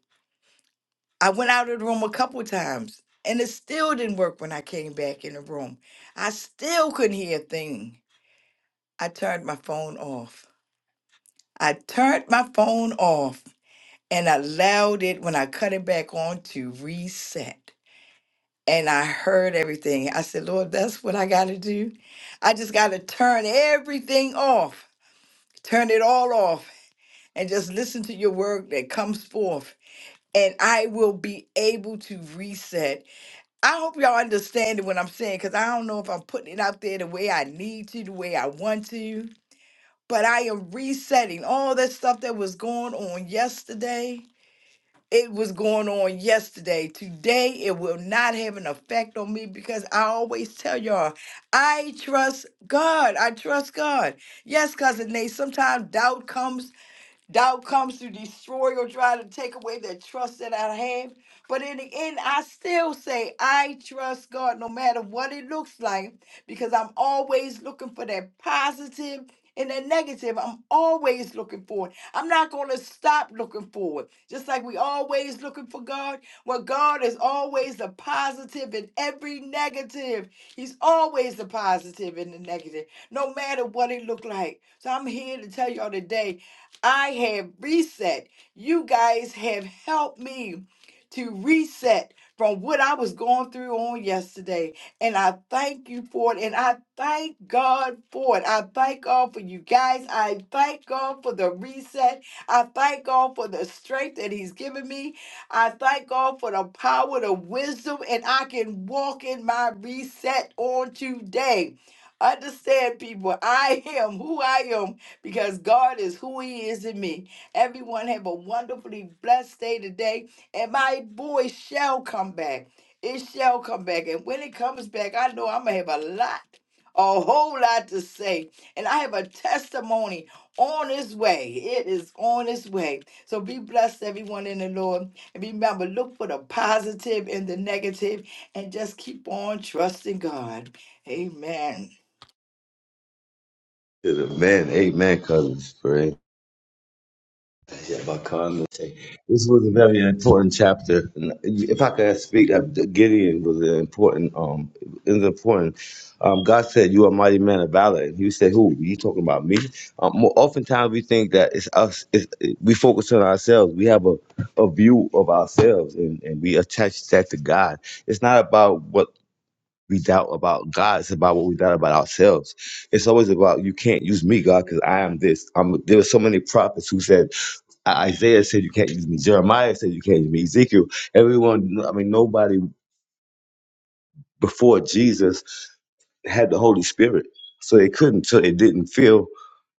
H: I went out of the room a couple times and it still didn't work when I came back in the room. I still couldn't hear a thing. I turned my phone off. I turned my phone off and allowed it when I cut it back on to reset. And I heard everything. I said, Lord, that's what I got to do. I just got to turn everything off, turn it all off, and just listen to your word that comes forth. And I will be able to reset I hope y'all understanding what I'm saying because I don't know if I'm putting it out there the way I need to, the way I want to. But I am resetting all that stuff that was going on yesterday. It was going on yesterday. Today, it will not have an effect on me because I always tell y'all, I trust God. I trust God. Yes, cousin Nate, sometimes doubt comes Doubt comes to destroy or try to take away that trust that I have. But in the end, I still say I trust God no matter what it looks like because I'm always looking for that positive and that negative. I'm always looking for it. I'm not going to stop looking for it. Just like we always looking for God, well, God is always the positive in every negative. He's always the positive in the negative, no matter what it look like. So I'm here to tell y'all today I have reset. You guys have helped me to reset from what I was going through on yesterday. And I thank you for it. And I thank God for it. I thank God for you guys. I thank God for the reset. I thank God for the strength that He's given me. I thank God for the power, the wisdom, and I can walk in my reset on today. Understand, people, I am who I am because God is who He is in me. Everyone have a wonderfully blessed day today, and my boy shall come back. It shall come back, and when it comes back, I know I'm gonna have a lot, a whole lot to say, and I have a testimony on its way. It is on its way. So be blessed, everyone in the Lord, and remember, look for the positive and the negative, and just keep on trusting God. Amen.
G: To the man. Amen, cousins. Praise. Yeah, This was
F: the
G: a very
F: mighty word.
G: important chapter. And If I could speak, uh, Gideon was an important. Um, it was important. Um, God said, "You are a mighty man of valor." And He said, "Who? You talking about me?" Um, more oftentimes we think that it's us. It's, we focus on ourselves. We have a, a view of ourselves, and, and we attach that to God. It's not about what we doubt about God. It's about what we doubt about ourselves. It's always about you can't use me, God, because I am this. I'm, there were so many prophets who said I- Isaiah said you can't use me. Jeremiah said you can't use me. Ezekiel, everyone, I mean, nobody before Jesus had the Holy Spirit. So they couldn't, so it didn't feel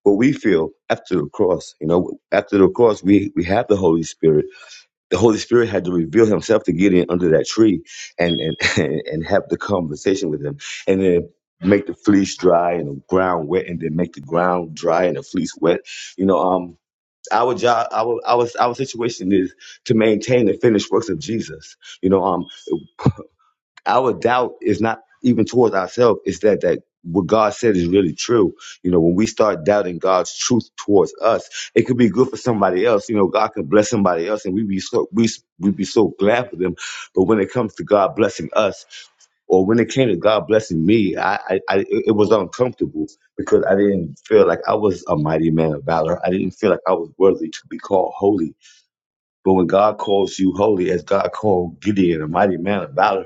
G: what we feel after the cross. You know, after the cross, we, we have the Holy Spirit. The Holy Spirit had to reveal himself to get in under that tree and, and, and have the conversation with him. And then make the fleece dry and the ground wet and then make the ground dry and the fleece wet. You know, um, our job, our our our situation is to maintain the finished works of Jesus. You know, um, our doubt is not even towards ourselves it's that that what god said is really true you know when we start doubting god's truth towards us it could be good for somebody else you know god can bless somebody else and we be so we we be so glad for them but when it comes to god blessing us or when it came to god blessing me i i, I it it was uncomfortable because i didn't feel like i was a mighty man of valor i didn't feel like i was worthy to be called holy but when God calls you holy, as God called Gideon, a mighty man of valor,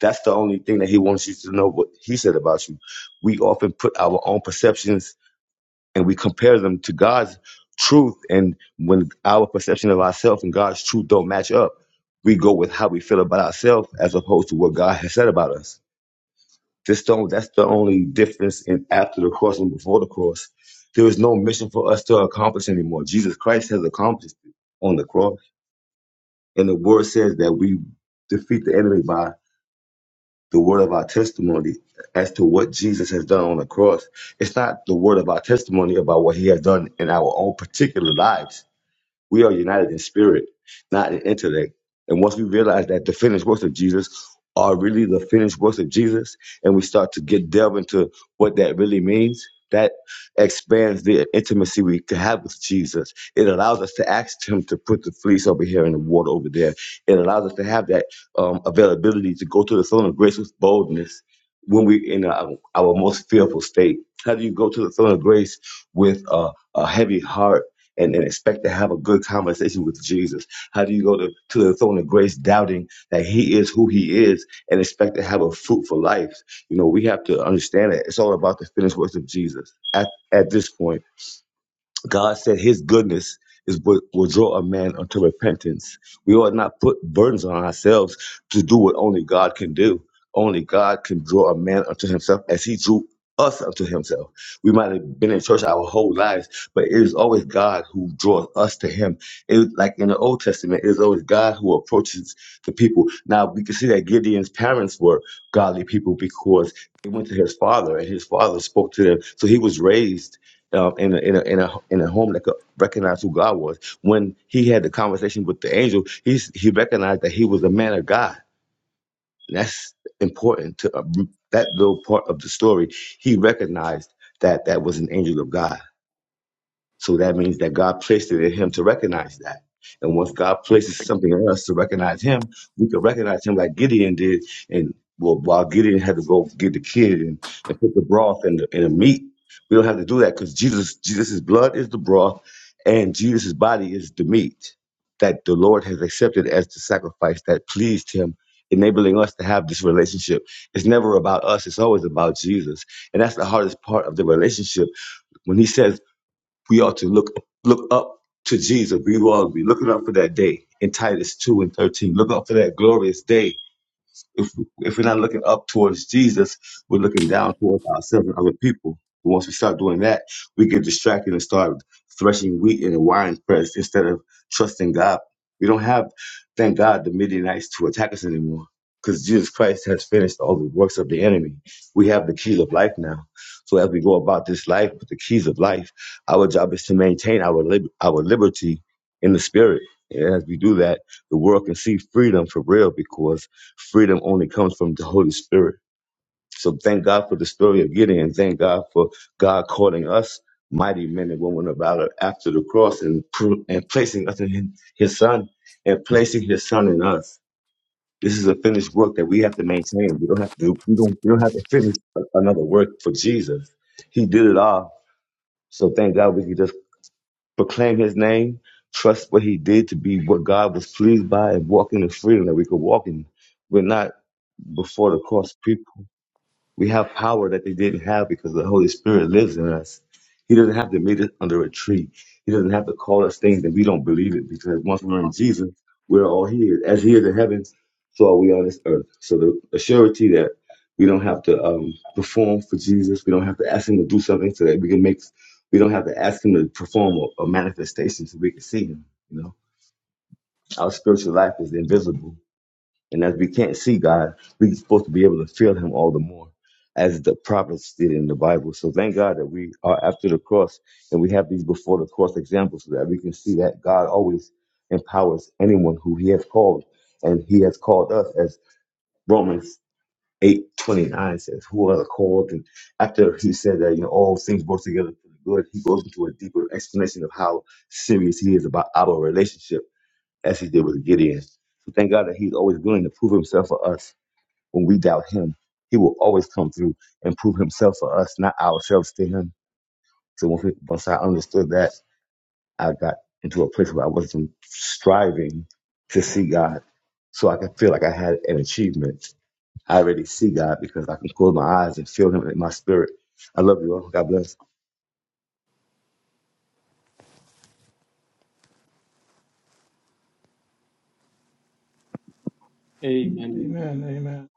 G: that's the only thing that He wants you to know what He said about you. We often put our own perceptions and we compare them to God's truth. And when our perception of ourselves and God's truth don't match up, we go with how we feel about ourselves as opposed to what God has said about us. This don't, that's the only difference in after the cross and before the cross. There is no mission for us to accomplish anymore. Jesus Christ has accomplished it on the cross. And the word says that we defeat the enemy by the word of our testimony as to what Jesus has done on the cross. It's not the word of our testimony about what he has done in our own particular lives we are united in spirit, not in intellect. And once we realize that the finished works of Jesus are really the finished works of Jesus, and we start to get delve into what that really means, that expands the intimacy we can have with Jesus. It allows us to ask Him to put the fleece over here and the water over there. It allows us to have that um, availability to go to the throne of grace with boldness when we're in our, our most fearful state. How do you go to the throne of grace with a, a heavy heart? and, and expect to have a good conversation with Jesus? How do you go to, to the throne of grace doubting that he is who he is and expect to have a fruitful life? You know, we have to understand that it's all about the finished works of Jesus at, at this point God said his goodness is what will draw a man unto repentance. We ought not put burdens on ourselves to do what only God can do. Only God can draw a man unto himself as he drew us unto himself. We might have been in church our whole lives, but it is always God who draws us to him. It is like in the Old Testament, it is always God who approaches the people. Now we can see that Gideon's parents were godly people because they went to his father and his father spoke to them. So he was raised uh, in a, in a in a in a home that could recognize who God was. When he had the conversation with the angel, he's he recognized that he was a man of God. And that's important to uh, that little part of the story. He recognized that that was an angel of God so that means that God placed it in him to recognize that. And once God places something in us to recognize him, we can recognize him like Gideon did. And well, while Gideon had to go get the kid and, and put the broth and the, and the meat, we don't have to do that because Jesus, Jesus' blood is the broth and Jesus' body is the meat that the Lord has accepted as the sacrifice that pleased him, enabling us to have this relationship. It's never about us, it's always about Jesus. And that's the hardest part of the relationship. When he says, we ought to look look up to Jesus. We ought to be looking up for that day in Titus 2 and 13. Look up for that glorious day if if we're not looking up towards Jesus, we're looking down towards ourselves and other people. And once we start doing that, we get distracted and start threshing wheat in a wine press instead of trusting God. We don't have, thank God, the Midianites to attack us anymore because Jesus Christ has finished all the works of the enemy. We have the keys of life now. So as we go about this life with the keys of life, our job is to maintain our lib- our liberty in the spirit. And as we do that, the world can see freedom for real because freedom only comes from the Holy Spirit. So thank God for the story of Gideon. Thank God for God calling us mighty men and women of valor after the cross and pro- and placing us in His His Son and placing His Son in us. This is a finished work that we have to maintain. We don't have to. We don't. We don't have to finish a- another work for Jesus. He did it all. So thank God we can just proclaim his name, trust what he did to be what God was pleased by, and walk in the freedom that we could walk in. We're not before the cross people. We have power that they didn't have because the Holy Spirit lives in us. He doesn't have to meet us under a tree. He doesn't have to call us things that we don't believe it because once we're in Jesus, we're all here. As he is in heaven, so are we on this earth. So the, the surety that we don't have to um, perform for Jesus. We don't have to ask him to do something so that we can make, we don't have to ask him to perform a, a manifestation so we can see him. You know, our spiritual life is invisible and as we can't see God, we're supposed to be able to feel Him all the more, as the prophets did in the Bible. So thank God that we are after the cross and we have these before the cross examples so that we can see that God always empowers anyone who He has called. And He has called us, as Romans eight twenty nine says, who are the called. And after He said that, you know, all things work together for the good, He goes into a deeper explanation of how serious He is about our relationship as he did with Gideon. So thank God that he's always willing to prove himself for us when we doubt him. He will always come through and prove himself for us, not ourselves to him. So once, we, once I understood that, I got into a place where I wasn't striving to see God so I could feel like I had an achievement. I already see God because I can close my eyes and feel him in my spirit. I love you all. God bless.
F: Amen. Amen.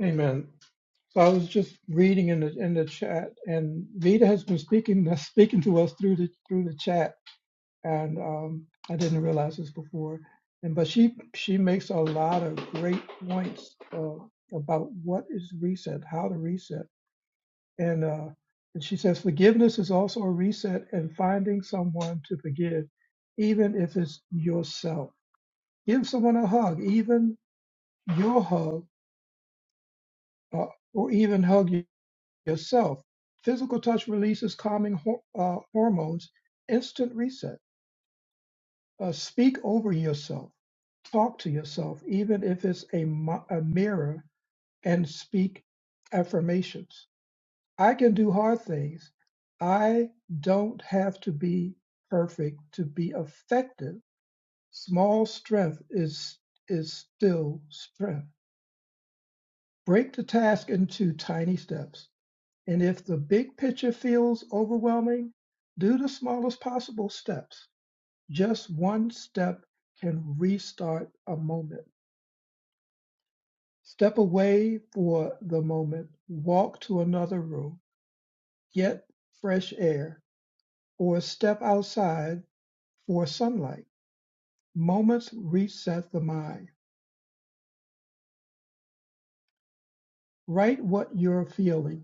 F: Amen. So I was just reading in the in the chat, and Vita has been speaking speaking to us through the through the chat and um, I didn't realize this before. And but she she makes a lot of great points uh, about what is reset, how to reset, and uh, and she says forgiveness is also a reset and finding someone to forgive, even if it's yourself. Give someone a hug, even your hug, uh, or even hug y- yourself. Physical touch releases calming hor- uh, hormones. Instant reset. Uh, speak over yourself Talk to yourself, even if it's a, mi- a mirror, and speak affirmations. I can do hard things. I don't have to be perfect to be effective. Small strength is, is still strength. Break the task into tiny steps. And if the big picture feels overwhelming, do the smallest possible steps. Just one step can restart a moment. Step away for the moment, walk to another room, get fresh air, or step outside for sunlight. Moments reset the mind. Write what you're feeling.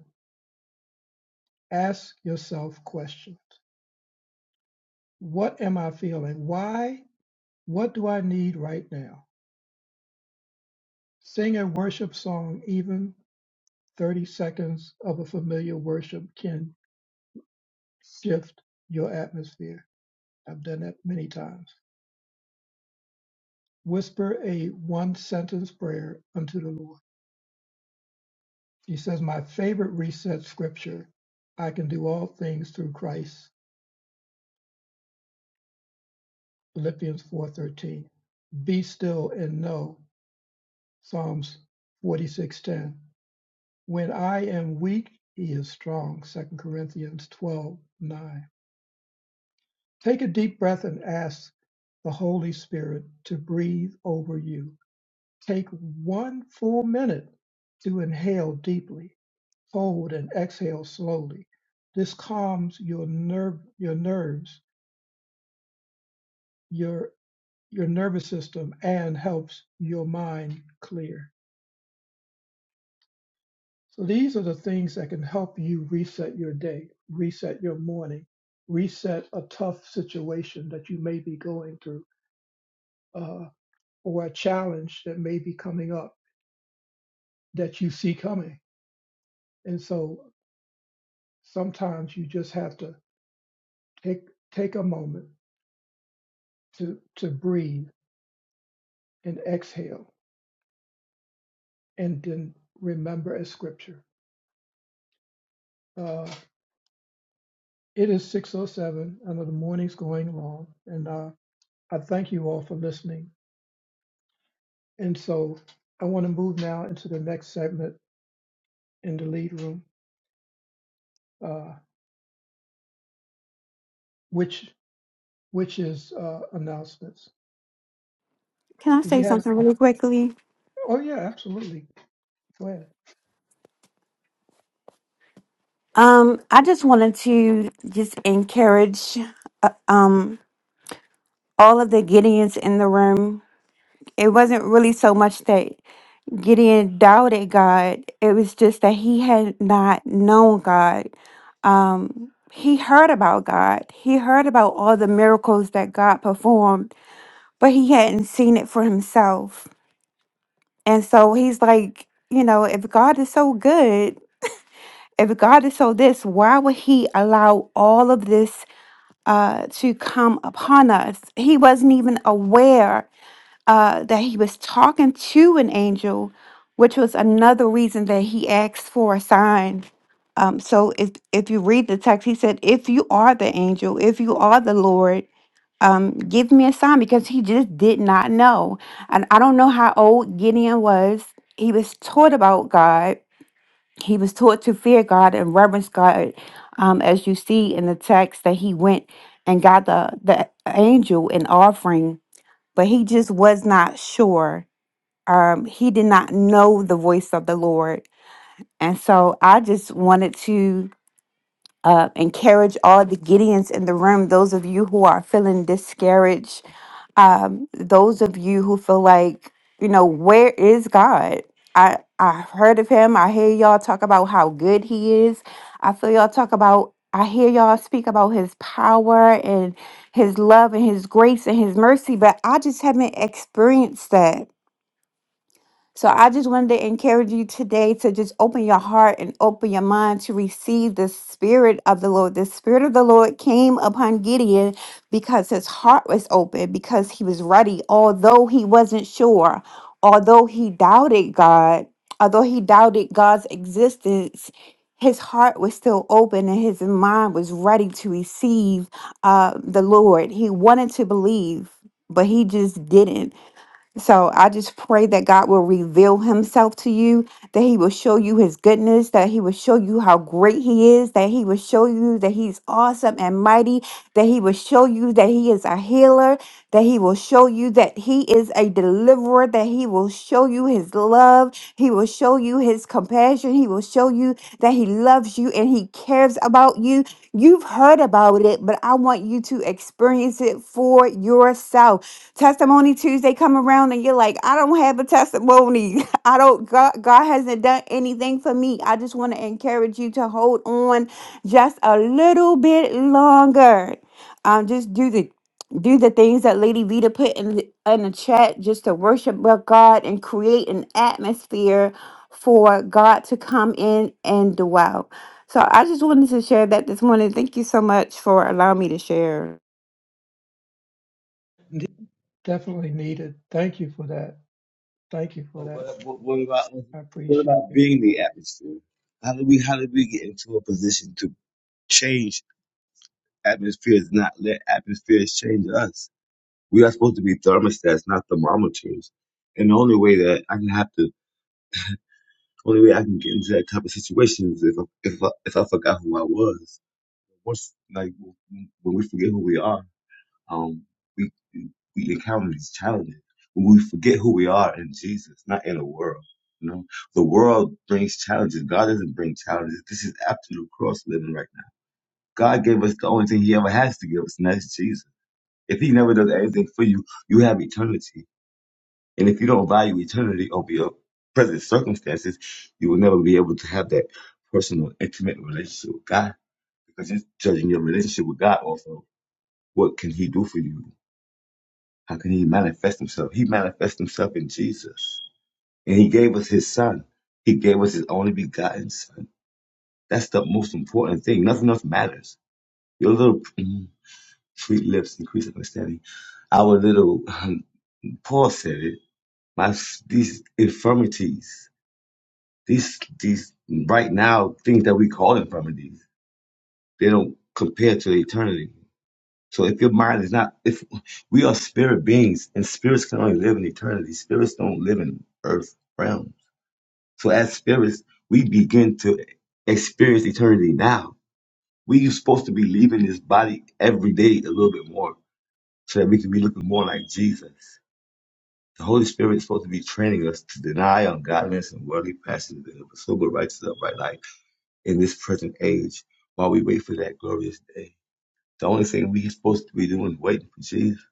F: Ask yourself questions. What am I feeling? Why? What do I need right now? Sing a worship song, even 30 seconds of a familiar worship can shift your atmosphere. I've done that many times. whisper a one sentence prayer unto the Lord. He says, My favorite reset scripture, I can do all things through Christ, Philippians 4:13. Be still and know, Psalms 46:10. When I am weak, he is strong, Second Corinthians 12:9. Take a deep breath and ask the Holy Spirit to breathe over you. Take one full minute to inhale deeply Fold and exhale slowly. This calms your nerve, your nerves, your your nervous system, and helps your mind clear. So these are the things that can help you reset your day, reset your morning, reset a tough situation that you may be going through, uh, or a challenge that may be coming up that you see coming. And so sometimes you just have to take take a moment to to breathe and exhale and then remember a scripture. Uh, it is 607. I know the morning's going long, and uh, I thank you all for listening. And so I want to move now into the next segment in the lead room, uh, which which is uh, announcements.
I: Can I
F: Do we
I: say
F: have?
I: something really quickly?
F: Oh yeah, absolutely. Go ahead.
I: Um, I just wanted to just encourage uh, um all of the Gideons in the room. It wasn't really so much that Gideon doubted God. It was just that he had not known God. Um, he heard about God. He heard about all the miracles that God performed, but he hadn't seen it for himself. And so he's like, you know, if God is so good, If God is so this, why would He allow all of this uh, to come upon us? He wasn't even aware uh, that He was talking to an angel, which was another reason that He asked for a sign. Um, so if, if you read the text, He said, If you are the angel, if you are the Lord, um, give me a sign because He just did not know. And I don't know how old Gideon was. He was taught about God he was taught to fear God and reverence God, um, as you see in the text that he went and got the, the angel an offering, but he just was not sure. Um, he did not know the voice of the Lord. And so I just wanted to uh, encourage all the Gideons in the room, those of you who are feeling discouraged um, those of you who feel like, you know, where is God? I I've heard of him. I hear y'all talk about how good he is. I feel y'all talk about I hear y'all speak about his power and his love and his grace and his mercy, but I just haven't experienced that. So I just wanted to encourage you today to just open your heart and open your mind to receive the Spirit of the Lord. The Spirit of the Lord came upon Gideon because his heart was open, because he was ready, although he wasn't sure, although he doubted God, although he doubted God's existence. His heart was still open and his mind was ready to receive uh, the Lord. He wanted to believe, but he just didn't. So I just pray that God will reveal himself to you, that he will show you his goodness, that he will show you how great he is, that he will show you that he's awesome and mighty, that he will show you that he is a healer, that he will show you that he is a deliverer, that he will show you his love, he will show you his compassion, he will show you that he loves you and he cares about you. You've heard about it, but I want you to experience it for yourself testimony tuesday come around and you're like i don't have a testimony i don't god, god hasn't done anything for me i just want to encourage you to hold on just a little bit longer um just do the do the things that lady vita put in the, in the chat just to worship with god and create an atmosphere for god to come in and dwell so i just wanted to share that this morning thank you so much for allowing me to share
F: Ne- Definitely needed. Thank you for that. Thank you
G: Oh,
F: for that.
G: What, what, what about
F: I
G: what
F: appreciate
G: about
F: you.
G: being the atmosphere? How do we how do we get into a position to change Atmosphere is not let atmospheres change us. We are supposed to be thermostats, not thermometers. And the only way that I can have to, only way I can get into that type of situation is if I, if I, if I forgot who I was. What's like when we forget who we are, um, we we encounter these challenges. When we forget who we are in Jesus, not in the world. You know, the world brings challenges. God doesn't bring challenges. This is absolute cross living right now. God gave us the only thing He ever has to give us, and that's Jesus. If he never does anything for you, you have eternity. And if you don't value eternity over your present circumstances, you will never be able to have that personal, intimate relationship with God because you're judging your relationship with God off of what can he do for you? How can he manifest himself? He manifests himself in Jesus. And he gave us his son. He gave us his only begotten son. That's the most important thing. Nothing else matters. Your little mm, sweet lips increase understanding. Our little, um, Paul said it my s- these infirmities, these these right now things that we call infirmities, they don't compare to eternity. So if your mind is not, if we are spirit beings and spirits can only live in eternity, spirits don't live in earth realms. So as spirits, we begin to experience eternity now. We are supposed to be leaving this body every day a little bit more so that we can be looking more like Jesus. The Holy Spirit is supposed to be training us to deny ungodliness and worldly passions and to pursue a righteous upright life in this present age while we wait for that glorious day. The only thing we're supposed to be doing is waiting for Jesus.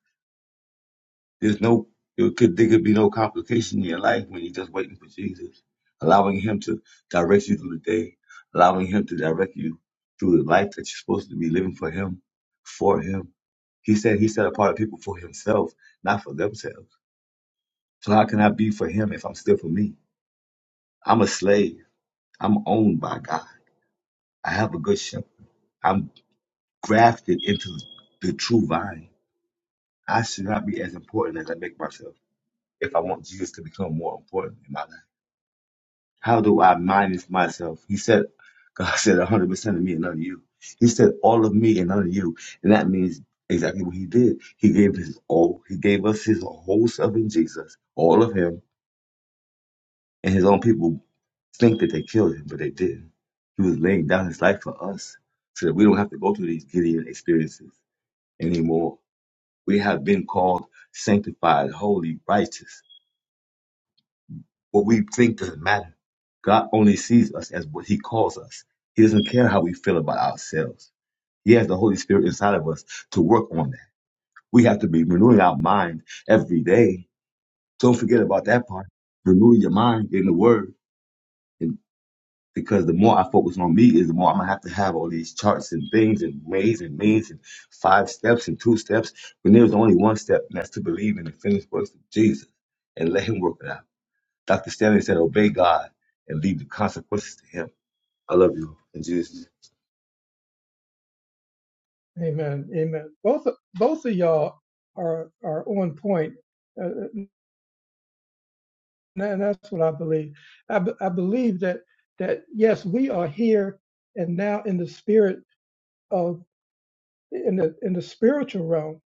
G: There's no, it could, there could be no complication in your life when you're just waiting for Jesus, allowing Him to direct you through the day, allowing Him to direct you through the life that you're supposed to be living for Him, for Him. He said He set apart people for Himself, not for themselves. So how can I be for Him if I'm still for me? I'm a slave. I'm owned by God. I have a good shepherd. I'm grafted into the true vine. I should not be as important as I make myself if I want Jesus to become more important in my life. How do I minus myself? He said, God said 100% of me and none of you. He said all of me and none of you. And that means exactly what he did. He gave his all. He gave us his whole self in Jesus, all of him, and his own people think that they killed him, but they didn't. He was laying down his life for us so that we don't have to go through these Gideon experiences anymore. We have been called sanctified, holy, righteous. What we think doesn't matter. God only sees us as what He calls us. He doesn't care how we feel about ourselves. He has the Holy Spirit inside of us to work on that. We have to be renewing our mind every day. Don't forget about that part. Renew your mind in the Word because the more I focus on me is the more I'm gonna have to have all these charts and things and ways and means and five steps and two steps when there's only one step and that's to believe in the finished works of Jesus and let him work it out. Dr. Stanley said, obey God and leave the consequences to him. I love you in Jesus. name.
F: Amen. Amen. Both both of y'all are are on point Uh, And that's what I believe. I, b- I believe that that yes, we are here and now in the spirit of in the in the spiritual realm,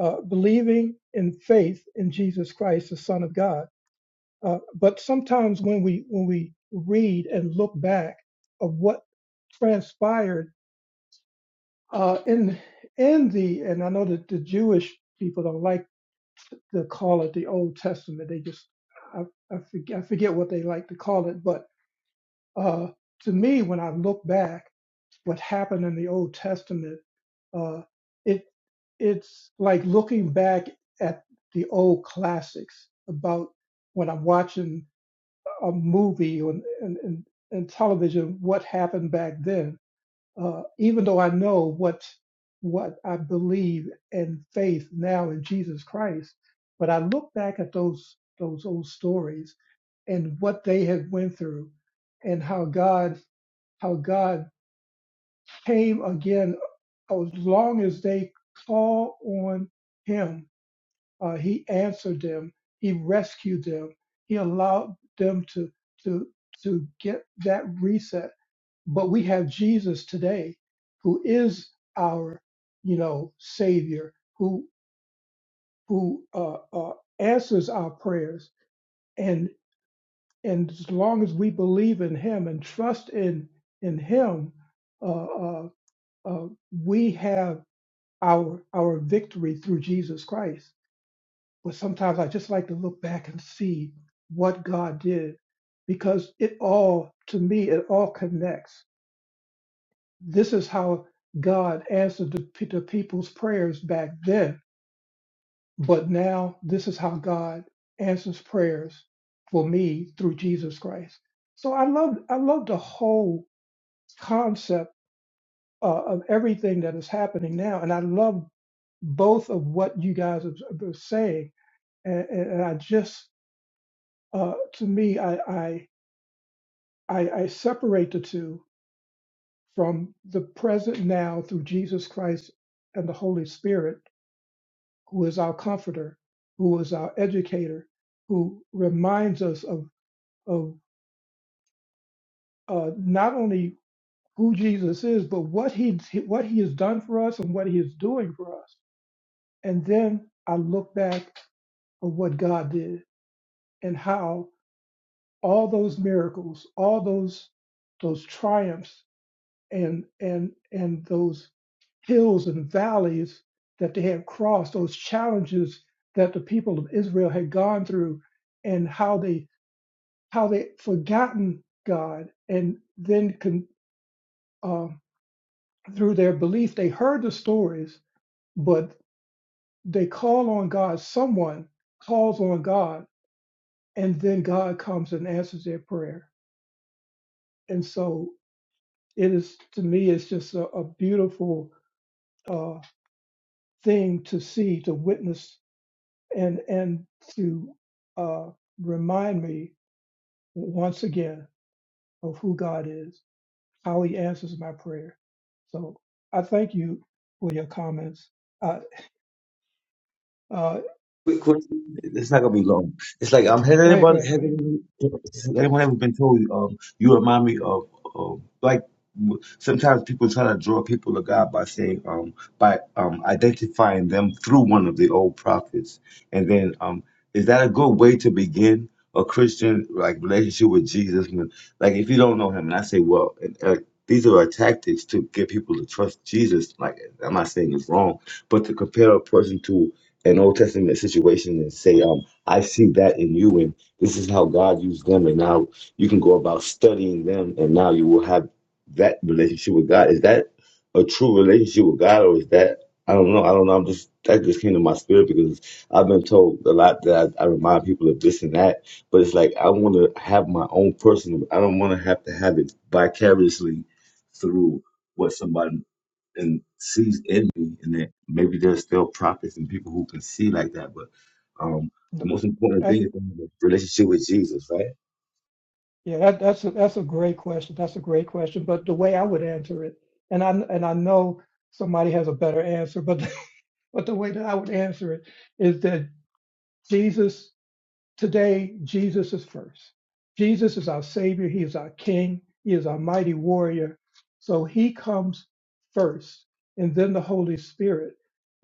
F: uh, believing in faith in Jesus Christ, the Son of God. Uh, but sometimes when we when we read and look back of what transpired uh, in in the and I know that the Jewish people don't like to call it the Old Testament. They just I, I forget I forget what they like to call it, but uh, to me, when I look back, what happened in the Old Testament, uh, it it's like looking back at the old classics. About when I'm watching a movie or and, and, and television, what happened back then. Uh, even though I know what what I believe and faith now in Jesus Christ, but I look back at those those old stories and what they had went through, and how God how God came again. As long as they call on Him, uh, He answered them. He rescued them. He allowed them to to to get that reset. But we have Jesus today, who is our, you know, Savior, who who uh, uh, answers our prayers. And and as long as we believe in Him and trust in in Him, uh, uh, uh, we have our our victory through Jesus Christ. But sometimes I just like to look back and see what God did, because it all to me it all connects. This is how God answered the, pe- the people's prayers back then, but now this is how God answers prayers for me through Jesus Christ. So I love I love the whole concept uh, of everything that is happening now. And I love both of what you guys are, are saying. And, and I just, uh, to me, I, I, I, I separate the two from the present now through Jesus Christ and the Holy Spirit, who is our comforter, who is our educator, who reminds us of, of uh, not only who Jesus is, but what he, what he has done for us and what he is doing for us. And then I look back of what God did and how all those miracles, all those those triumphs and and and those hills and valleys that they had crossed, those challenges that the people of Israel had gone through, and how they how they forgotten God, and then con, um through their belief they heard the stories, but they call on God. Someone calls on God, and then God comes and answers their prayer and so it is to me it's just a, a beautiful uh, thing to see to witness and and to uh, remind me once again of who god is how he answers my prayer so i thank you for your comments uh, uh,
G: Quick question. It's not gonna be long. It's like um, has
F: go ahead go
G: anyone
F: ahead
G: has
F: go ahead
G: anyone, has anyone ever been told um, you remind me of, of like w- sometimes people try to draw people to God by saying um by um identifying them through one of the old prophets, and then um is that a good way to begin a Christian like relationship with Jesus? When, like if you don't know Him, and I say, well, and, uh, these are our tactics to get people to trust Jesus. Like I'm not saying it's wrong, but to compare a person to an Old Testament situation and say, um, I see that in you, and this is how God used them, and now you can go about studying them, and now you will have that relationship with God. Is that a true relationship with God, or is that I don't know. I don't know. I'm just that just came to my spirit because I've been told a lot that I, I remind people of this and that, but it's like I want to have my own personal. I don't want to have to have it vicariously through what somebody and sees in me, and that maybe there's still prophets and people who can see like that. But um, the
F: No,
G: most important
F: that's
G: thing is to have a relationship with Jesus, right?
F: yeah that, that's a, that's a great question that's a great question but the way i would answer it and i and i know somebody has a better answer but But the way that I would answer it is that Jesus, today, Jesus is first. Jesus is our Savior. He is our King. He is our mighty warrior. So he comes first, and then the Holy Spirit.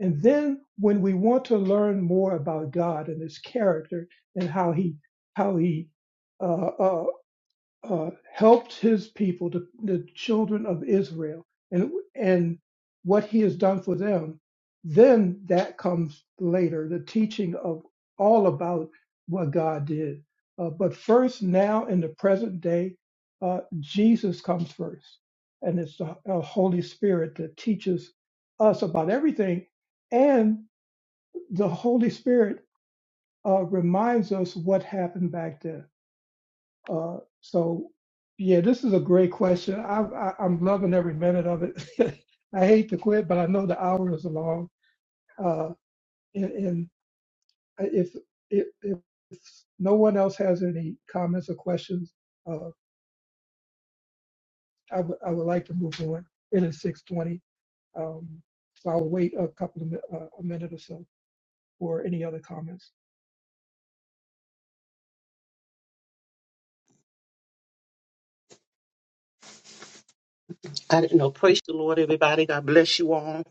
F: And then when we want to learn more about God and his character and how he, how he, uh, uh, uh, helped his people, the, the children of Israel, and and what he has done for them, then that comes later, the teaching of all about what God did. Uh, but first, now in the present day, uh, Jesus comes first, and it's the uh, Holy Spirit that teaches us about everything, and the Holy Spirit uh, reminds us what happened back then uh, so, yeah, this is a great question. I, I, I'm loving every minute of it. I hate to quit, but I know the hour is long. Uh, and, and uh, if, if if no one else has any comments or questions, uh, I would I would like to move on. It is 6:20, um, so I'll wait a couple of mi- uh, a minute or so for any other comments.
J: I didn't know. Praise the Lord, everybody. God bless you all.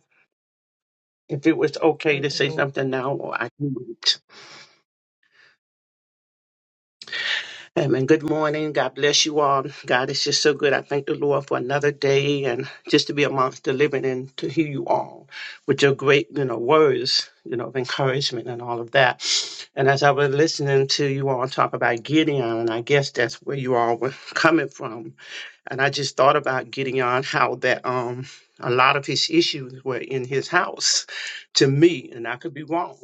J: If it was okay
F: Praise
J: to
F: the
J: say
F: Lord.
J: something now, or I can wait. Amen. Good morning. God bless you all. God is just so good. I thank the Lord for another day and just to be amongst the living and to hear you all with your great, you know, words, you know, of encouragement and all of that. And as I was listening to you all talk about Gideon, and I guess that's where you all were coming from And I just thought about getting on how that um a lot of his issues were in his house to me, and I could be wrong.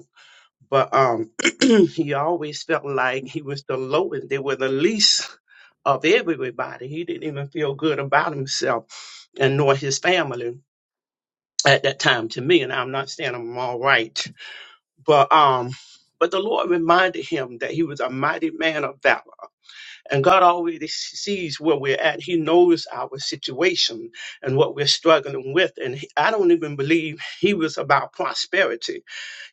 J: But um he always felt like he was the lowest, they were the least of everybody. He didn't even feel good about himself and nor his family at that time to me. And I'm not saying I'm all right. But um but the Lord reminded him that he was a mighty man of valor and God already sees where we're at. He knows our situation and what we're struggling with. And he- I don't even believe He was about prosperity.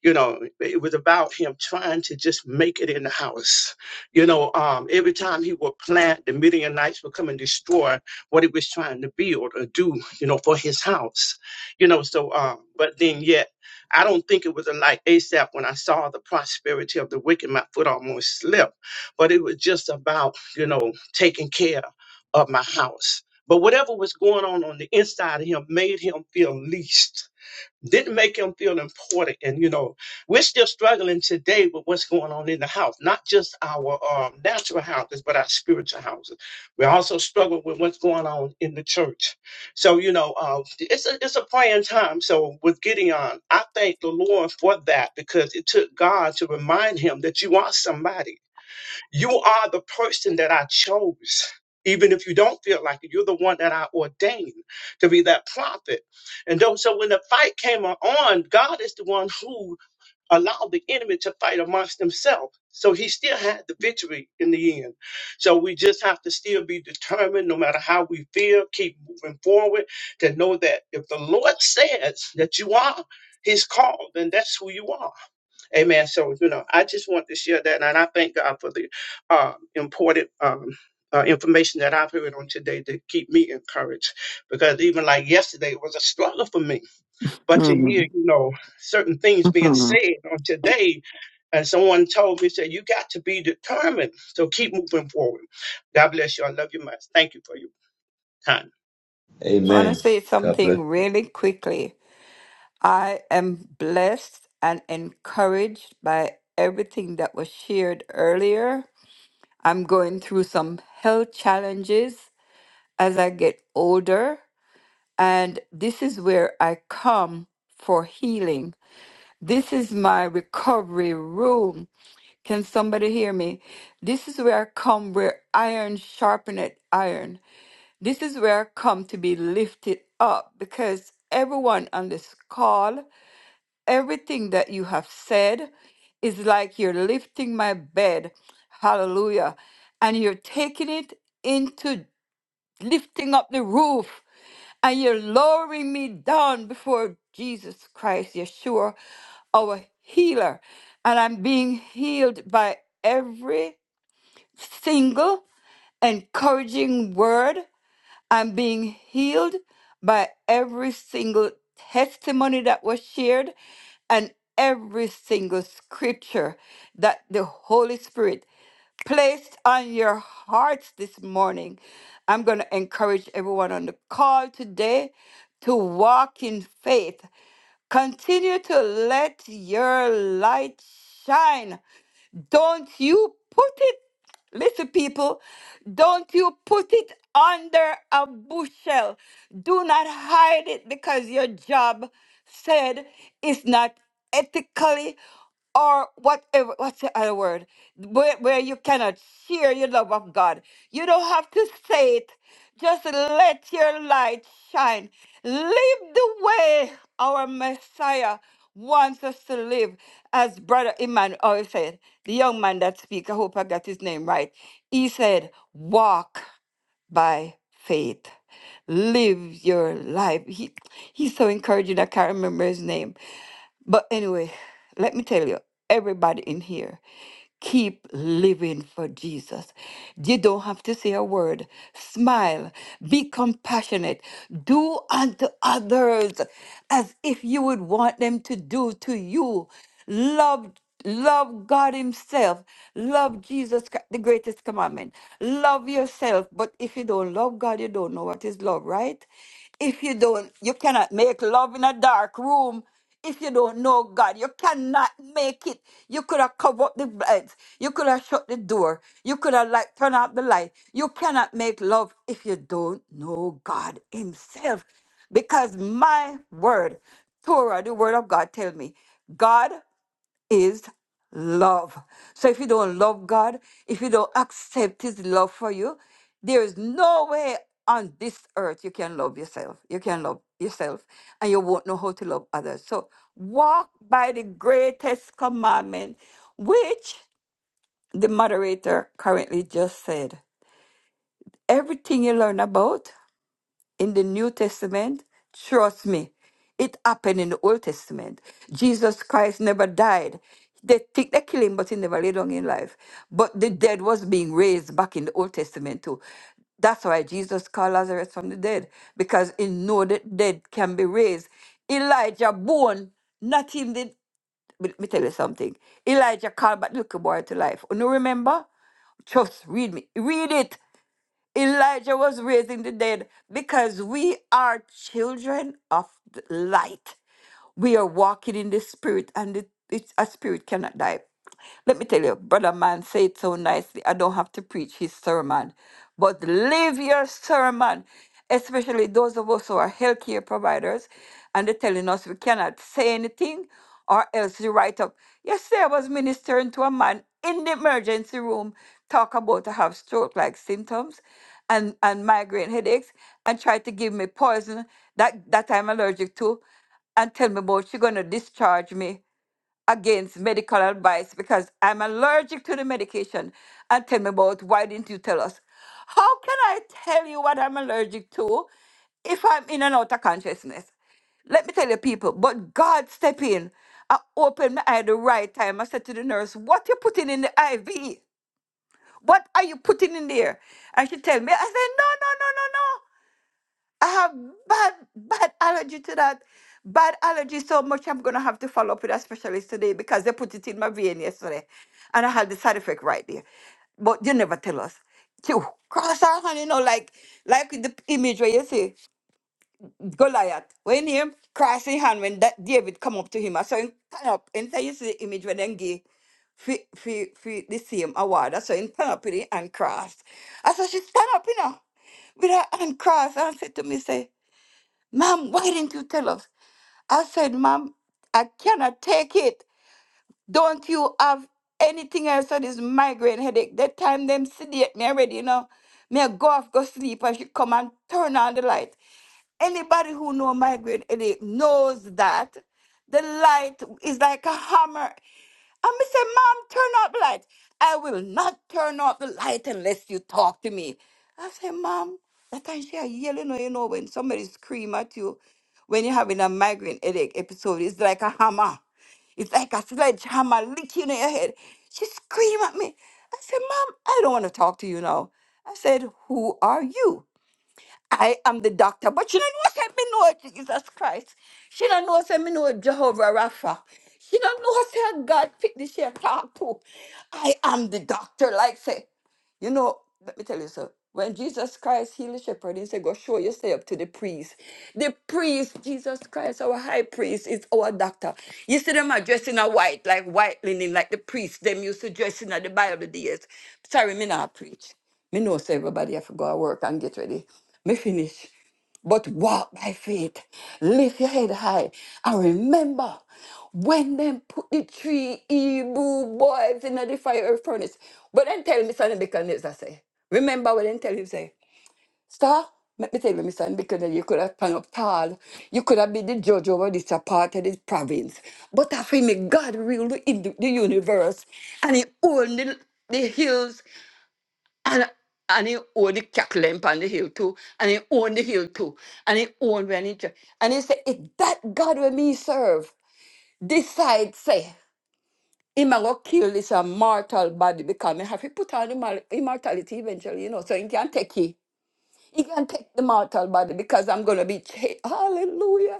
J: You know, it was about him trying to just make it in the house. You know, um, every time he would plant, the Midianites would come and destroy what he was trying to build or do, you know, for his house. You know, so, um, but then yet, I don't think it was a like ASAP when I saw the prosperity of the wicked, my foot almost slipped. But it was just about, you know, taking care of my house. But whatever was going on on the inside of him made him feel least didn't make him feel important. And you know, we're still struggling today with what's going on in the house, not just our um, natural houses, but our spiritual houses. We also struggle with what's going on in the church. So you know, uh, it's a it's a praying time. So with Gideon, I thank the Lord for that because it took God to remind him that you are somebody. You are the person that I chose. Even if you don't feel like it, you're the one that I ordained to be that prophet. And though, so when the fight came on, God is the one who allowed the enemy to fight amongst himself. So he still had the victory in the end. So we just have to still be determined, no matter how we feel, keep moving forward to know that if the Lord says that you are his call, then that's who you are. Amen. So, you know, I just want to share that. And I thank God for the uh, important um, uh, information that I've heard on today to keep me encouraged. Because even like yesterday, it was a struggle for me. But to hear,
K: Mhm.
J: you know, certain things being
K: Mhm.
J: said on today, and someone told me, said, you got to be determined. So keep moving forward. God bless you. I love you much. Thank you for your time.
K: just want to
G: Amen.
K: say
G: God bless.
K: something really quickly. I am blessed and encouraged by everything that was shared earlier. I'm going through some health challenges as I get older, and this is where I come for healing. This is my recovery room. Can somebody hear me? This is where I come where iron sharpeneth iron. This is where I come to be lifted up because everyone on this call, everything that you have said is like you're lifting my bed. Hallelujah. And you're taking it into lifting up the roof and you're lowering me down before Jesus Christ, Yeshua, our healer. And I'm being healed by every single encouraging word I'm being healed by every single testimony that was shared and every single scripture that the Holy Spirit placed on your hearts this morning. I'm going to encourage everyone on the call today to walk in faith. Continue to let your light shine don't you put it, listen, people, don't you put it under a bushel. Do not hide it because your job said it's not ethically or whatever. What's the other word? Where, where you cannot share your love of God. You don't have to say it just let your light shine. Live the way our Messiah wants us to live. As Brother Emmanuel said, the young man that speak, I hope I got his name right. He said, walk by faith. Live your life. He, he's so encouraging. I can't remember his name. But anyway, let me tell you, everybody in here, keep living for Jesus. You don't have to say a word. Smile, be compassionate, do unto others as if you would want them to do to you. Love love God himself. Love Jesus, Chri- the greatest commandment. Love yourself, but if you don't love God, you don't know what is love, right? If you don't, you cannot make love in a dark room. If you don't know God, you cannot make it. You could have covered up the blinds. You could have shut the door. You could have like turned out the light. You cannot make love if you don't know God Himself. Because my word, Torah, the word of God, tell me, God is love. So if you don't love God, if you don't accept His love for you, there is no way on this earth you can love yourself. You can love yourself and you won't know how to love others. So walk by the greatest commandment, which the moderator currently just said. Everything you learn about in the New Testament, trust me, it happened in the Old Testament. Jesus Christ never died. They think they kill him, but he never lay down in life. But the dead was being raised back in the Old Testament too. That's why Jesus called Lazarus from the dead, because he know that dead can be raised. Elijah born, not him did. Let me tell you something. Elijah called back the little boy to life. You know, remember? Just read me. Read it. Elijah was raising the dead because we are children of the light. We are walking in the spirit, and the, it's, a spirit cannot die. Let me tell you, brother man said it so nicely. I don't have to preach his sermon, but live your sermon, especially those of us who are healthcare providers, and they're telling us we cannot say anything or else you write up. Yesterday I was ministering to a man in the emergency room, talk about to have stroke-like symptoms and, and migraine headaches, and tried to give me poison that, that I'm allergic to, and tell me about she gonna discharge me against medical advice because I'm allergic to the medication. And tell me about why didn't you tell us? How can I tell you what I'm allergic to if I'm in and out of consciousness? Let me tell you, people, but God step in. I opened my eye the right time. I said to the nurse, What you putting in the IV? What are you putting in there? And she tell me, I said, No, no, no, no, no. I have bad, bad allergy to that. Bad allergy so much I'm gonna have to follow up with a specialist today because they put it in my vein yesterday. And I had the side effect right there. But they never tell us. Phew, Cross our hand, you know, like like with the image where you see Goliath. When him cross his hand when that David come up to him, I saw him turn up. And so you see the image when then gay for, for, for the same award. I saw him turn up in it and cross. I saw she stand up, you know, with her hand cross and said to me, say, Mom, why didn't you tell us? I said, Mom, I cannot take it. Don't you have anything else that is migraine headache? That time them sedate me already, you know. Me I go off, go sleep, and she come and turn on the light. Anybody who know migraine headache knows that the light is like a hammer. And me say, Mom, turn off the light. I will not turn off the light unless you talk to me. I say, Mom, that time she a yelling, you know, when somebody scream at you, when you're having a migraine headache episode, it's like a hammer. It's like a sledgehammer licking in your head. She scream at me. I said, Mom, I don't want to talk to you now. I said, Who are you? I am the doctor, but she don't know say me know Jesus Christ. She don't know say me know Jehovah Rapha. She don't know say God fit this here talk to. I am the doctor, like say. You know, let me tell you so. When Jesus Christ healed the shepherd, he said, Go show yourself to the priest. The priest, Jesus Christ, our high priest, is our doctor. You see them are dressed in a white, like white linen, like the priest. Them used to dress in the Bible days. Sorry, me not preach. Me know say everybody have to go to work and get ready. Me finish. But walk by faith. Lift your head high. And remember, when them put the three Hebrew boys in the fire furnace, but then tell me something because I say, remember what then tell him say, Star, let me tell you, Miss because you could have hung up tall. You could have been the judge over this a part of this province. But I feel me, God ruled in the, in- the universe and he owned the, the hills and and he owned the cattle on the hill too. And he owned the hill too. And he owned when he dr- and he said, if that God will me serve, decide say, him a go kill this a mortal body because me have to put on the mal- immortality eventually, you know, so he can take it. You can take the mortal body because I'm going to be changed. Hallelujah.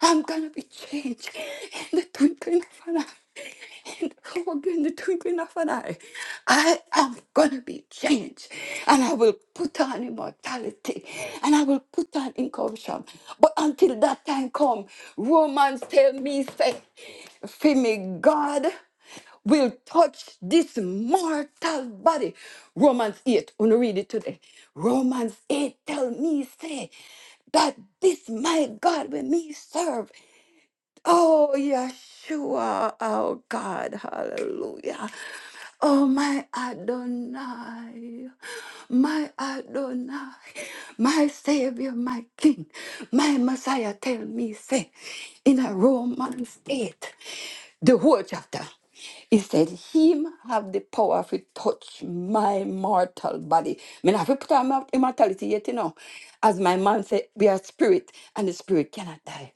K: I'm going to be changed in the twinkling of an eye. In the, oh, in the twinkling of an eye. I am going to be changed. And I will put on immortality. And I will put on incorruption. But until that time come, Romans tell me, say, "Fear me, God will touch this mortal body. Romans 8, I'm gonna read it today. Romans 8 tell me, say, that this my God will me serve. Oh, Yeshua, our God, hallelujah. Oh, my Adonai, my Adonai, my Savior, my King, my Messiah, tell me, say, in a Romans 8, the whole chapter, he said, Him have the power to touch my mortal body. I mean, have to put our immortality yet, you know. As my man said, we are spirit, and the spirit cannot die.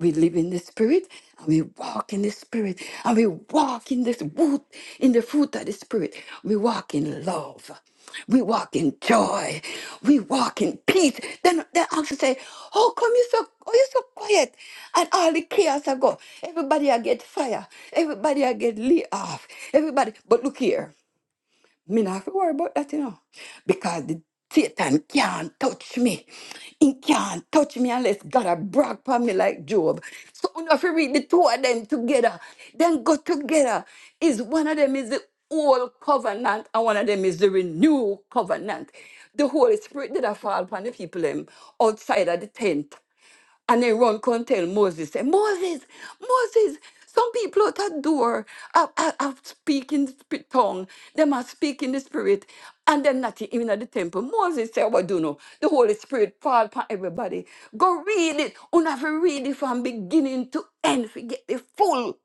K: We live in the spirit and we walk in the spirit and we walk in this wood in the fruit of the spirit. We walk in love. We walk in joy. We walk in peace. Then then also say, How come you so oh you so quiet? And all the chaos I go. Everybody I get fire. Everybody I get lit off. Everybody but look here. Me not have to worry about that, you know. Because the Satan can't touch me. He can't touch me unless God a brag upon me like Job. So you know, if you read the two of them together, then go together. Is one of them is the old covenant and one of them is the renewed covenant. The Holy Spirit did a fall upon the people them outside of the tent. And they run come tell Moses, say, Moses, Moses, some people out that door are, are, are speaking sp- tongue. Them are speaking the spirit. And them not even at the temple. Moses said, What do you know? The Holy Spirit fall upon everybody. Go read it. You have to read it from beginning to end. Forget the full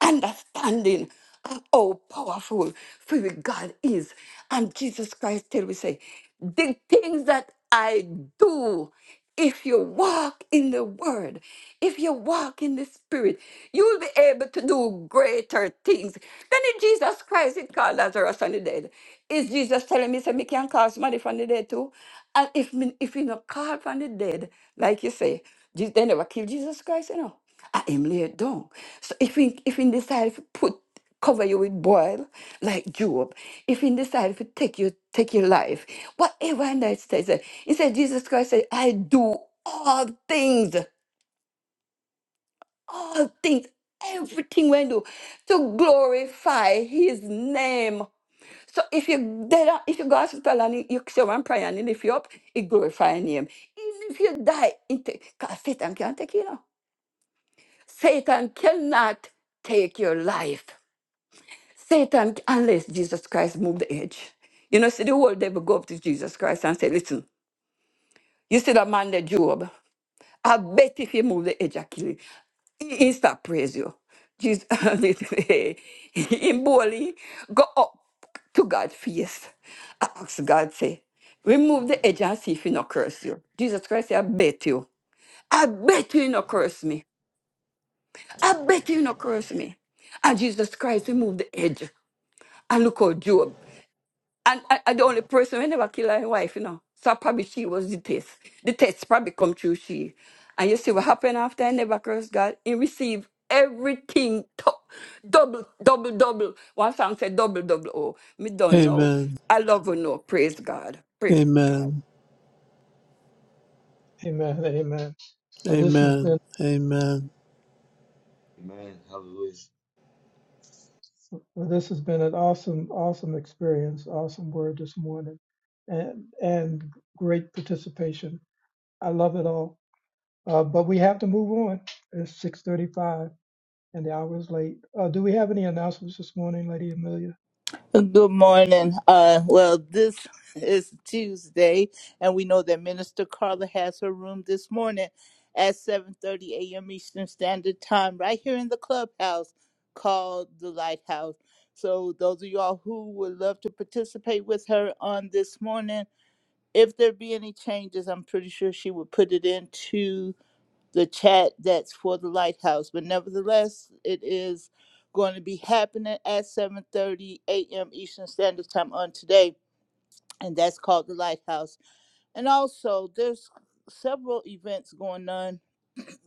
K: understanding of how powerful free God is. And Jesus Christ tell we say, the things that I do, if you walk in the word, if you walk in the spirit, you'll be able to do greater things. Then if Jesus Christ it called Lazarus from the dead, is Jesus telling me, say, me can call somebody from the dead too? And if me, if you not call from the dead, like you say, Je- they never kill Jesus Christ, you know. I am laid down. So if we if we decide to put cover you with boil like Job, if we decide to take you take your life, whatever and that says, eh, he said Jesus Christ said, I do all things, all things, everything we do to glorify his name. So if you dead, on- if you go to hospital and you, you say one prayer, and he lift you up, it glorify your name. Even if you die, because Satan can't take you now. Satan cannot take your life. Satan, unless Jesus Christ moved the edge. You know, see, the whole devil go up to Jesus Christ and say, Listen, you see that man, that Job. I bet if he move the edge, I kill him. He, he start praise you. Jesus, him boldly go up to God's face. I ask God, say, remove the edge and see if he no curse you. Jesus Christ, say, I bet you. I bet you he no curse me. I bet you no curse me. And Jesus Christ removed the edge. And look how Job. And I, I the only person who never killed her wife, you know. So probably she was the test. The test probably come through she. And you see what happened after I never cursed God? He received everything to- double, double, double. One song said double, double. Oh, me don't know.
L: Amen.
K: I love you no. Praise God. Praise God.
L: Amen.
F: Amen. Amen. Well, this has been.
L: Amen. Amen.
G: Amen. Hallelujah.
F: Well, this has been an awesome, awesome experience, awesome word this morning, and and great participation. I love it all. Uh, but we have to move on. It's six thirty-five, and the hour is late. Uh, do we have any announcements this morning, Lady Amelia?
M: Good morning. Uh, well, this is Tuesday, and we know that Minister Carla has her room this morning at 7:30 a.m. Eastern Standard Time, right here in the clubhouse called the Lighthouse. So, those of y'all who would love to participate with her on this morning, if there be any changes, I'm pretty sure she would put it into the chat that's for the lighthouse but nevertheless it is going to be happening at 7.30 a.m eastern standard time on today and that's called the lighthouse and also there's several events going on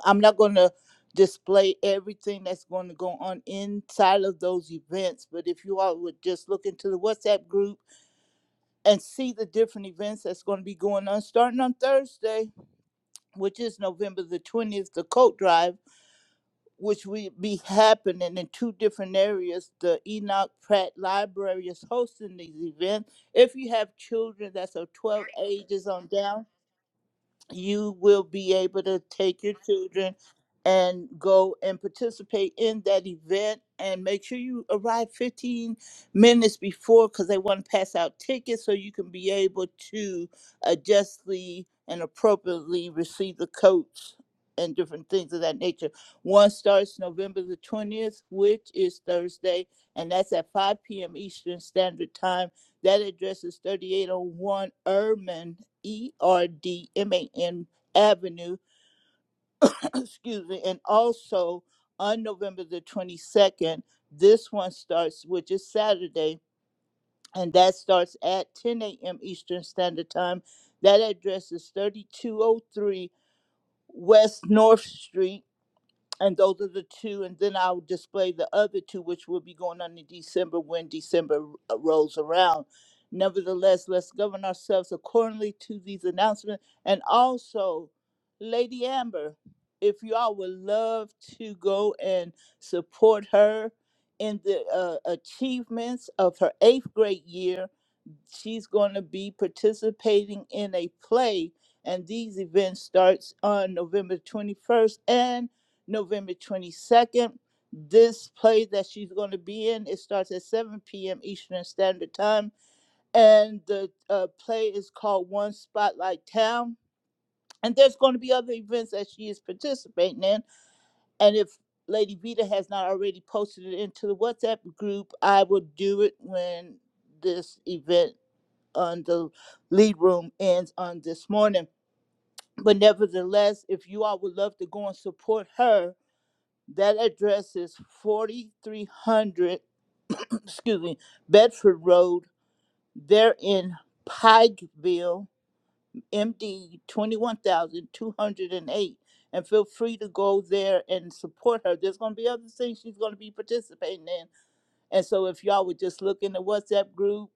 M: i'm not going to display everything that's going to go on inside of those events but if you all would just look into the whatsapp group and see the different events that's going to be going on starting on thursday which is november the 20th the coat drive which will be happening in two different areas. The Enoch Pratt Library is hosting these events. If you have children that's of 12 ages on down, you will be able to take your children and go and participate in that event and make sure you arrive 15 minutes before because they want to pass out tickets so you can be able to uh, justly and appropriately receive the coats and different things of that nature. One starts November the 20th, which is Thursday, and that's at 5 p.m. Eastern Standard Time that address is 3801 Erdman, E R D M A N Avenue, excuse me, and also on November the 22nd, this one starts, which is Saturday, and that starts at 10 a.m. Eastern Standard Time. That address is 3203 West North Street. And those are the two, and then I'll display the other two, which will be going on in December when December r- uh, rolls around. Nevertheless, let's govern ourselves accordingly to these announcements. And also, Lady Amber, if y'all would love to go and support her in the uh, achievements of her eighth grade year, she's going to be participating in a play and these events starts on november 21st and november 22nd this play that she's going to be in it starts at 7 p.m eastern standard time and the uh, play is called one spotlight town and there's going to be other events that she is participating in and if lady vita has not already posted it into the whatsapp group i will do it when this event on the lead room ends on this morning. But nevertheless, if you all would love to go and support her, that address is 4300, excuse me, Bedford Road. They're in Pikeville, MD 21208. And feel free to go there and support her. There's going to be other things she's going to be participating in. And so if y'all would just look in the WhatsApp group,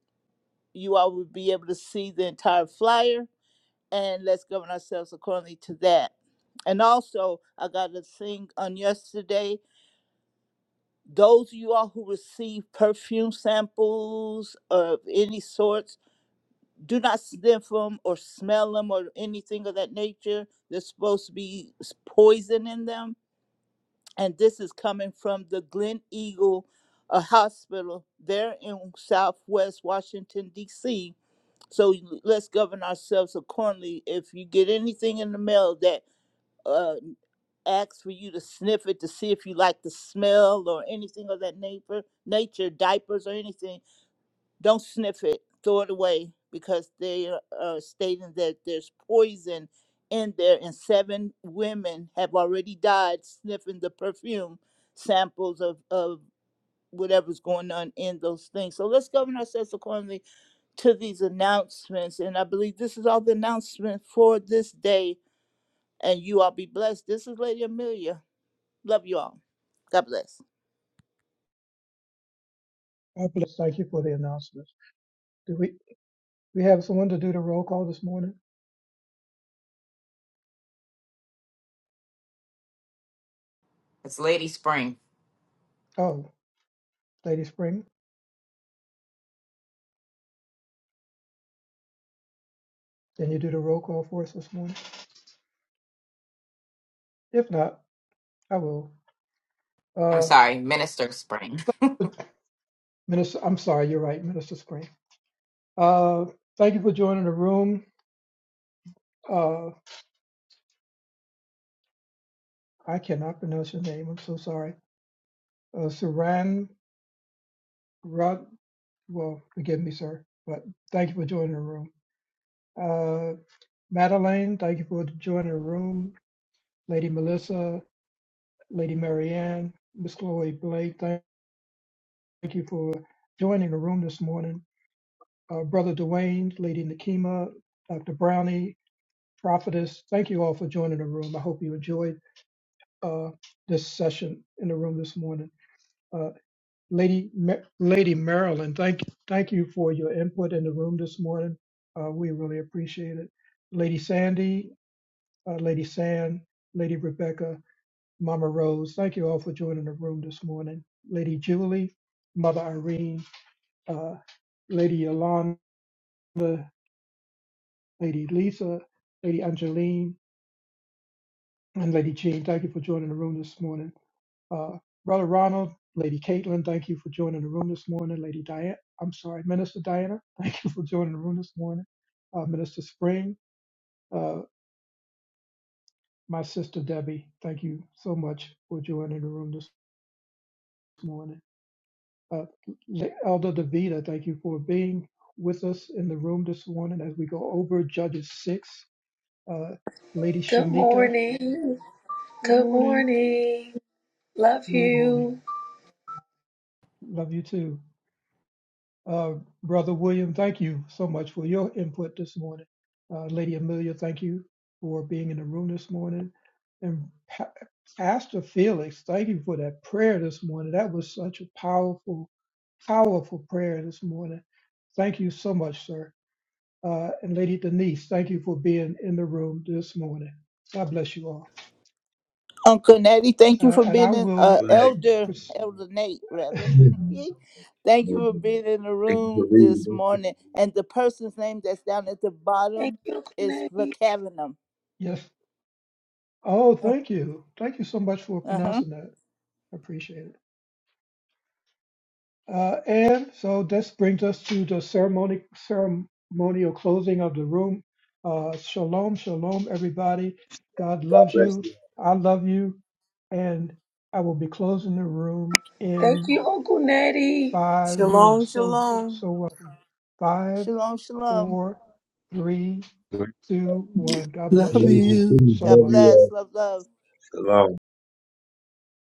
M: you all would be able to see the entire flyer and let's govern ourselves accordingly to that. And also, I got a thing on yesterday. Those of you all who receive perfume samples of any sorts, do not sniff them or smell them or anything of that nature. There's supposed to be s- poison in them. And this is coming from the Glen Eagle uh, Hospital there in Southwest Washington, D.C. So let's govern ourselves accordingly. If you get anything in the mail that uh, ask for you to sniff it to see if you like the smell or anything of that nature, nature diapers or anything. Don't sniff it. Throw it away because they are are stating that there's poison in there, and seven women have already died sniffing the perfume samples of, of whatever's going on in those things. So let's govern ourselves accordingly to these announcements. And I believe this is all the announcement for this day. And you all be blessed. This is Lady Amelia. Love you all. God bless.
F: Oh, bless. Thank you for the announcements. Do we we have someone to do the roll call this morning?
N: It's Lady Spring.
F: Oh, Lady Spring, can you do the roll call for us this morning? If not, I will.
N: I'm
F: Uh,
N: sorry, Minister Spring.
F: Minister, I'm sorry, you're right, Minister Spring. Uh, thank you for joining the room. uh, I cannot pronounce your name. I'm so sorry. Uh, Saran Rod. Well, forgive me, sir, but thank you for joining the room. Uh, Madeline, thank you for joining the room. Lady Melissa, Lady Marianne, Miss Chloe Blake, thank you for joining the room this morning. Uh, Brother Dwayne, Lady Nakima, Dr. Brownie, Prophetess, thank you all for joining the room. I hope you enjoyed uh, this session in the room this morning. Uh, Lady Ma- Lady Marilyn, thank thank you for your input in the room this morning. Uh, we really appreciate it. Lady Sandy, uh, Lady San, Lady Rebecca, Mama Rose, thank you all for joining the room this morning. Lady Julie, Mother Irene, uh, Lady Yolanda, Lady Lisa, Lady Angeline, and Lady Jean, thank you for joining the room this morning. Uh, Brother Ronald, Lady Caitlin, thank you for joining the room this morning. Lady Diana, I'm sorry, Minister Diana, thank you for joining the room this morning. Uh, Minister Spring, uh, my sister Debbie, thank you so much for joining the room this morning. Uh, Le- Elder Davida, thank you for being with us in the room this morning as we go over Judges 6. Uh, Lady
O: Good
F: Shanika,
O: morning.
F: good
O: Good
F: morning.
O: morning. Love
F: Good morning.
O: you.
F: Love you too. Uh, Brother William, thank you so much for your input this morning. Uh, Lady Amelia, thank you for being in the room this morning. And Pa- Pastor Felix, thank you for that prayer this morning. That was such a powerful, powerful prayer this morning. Thank you so much, sir. Uh, and Lady Denise, thank you for being in the room this morning. God bless you all.
M: Uncle Natty, thank
F: Uh,
M: you for
F: and I
M: being in, uh,
F: will,
G: Well, hey.
M: Elder,
F: pres-
M: Elder Nate, rather. thank you for being in the
G: Thank you for
M: room
G: reading.
M: this
G: Thank you.
M: morning. And the person's name that's down at the
O: Thank
M: bottom
O: you, Uncle
M: is
O: Nettie.
M: Vacavinum.
F: yes. Oh,
M: Uh
F: thank you. Thank you so much for
M: huh.
F: pronouncing that. I appreciate it. Uh, and so this brings us to the ceremony, ceremonial closing of the room. Uh, shalom, shalom, everybody. God
G: God
F: loves
G: bless
F: you.
G: you.
F: I love you. And I will be closing the room
O: Thank
F: in
O: you, Uncle Nettie.
F: five. You're
P: Shalom,
F: so,
P: shalom.
F: so welcome. Five,
M: Shalom, shalom.
F: four, three, two, one. God bless
L: Love
F: you
G: Ladies and
F: all
L: you.
G: gentlemen,
F: so
M: God
G: love
F: much.
G: you
M: bless.
G: all.
M: Love, love.
G: Shalom.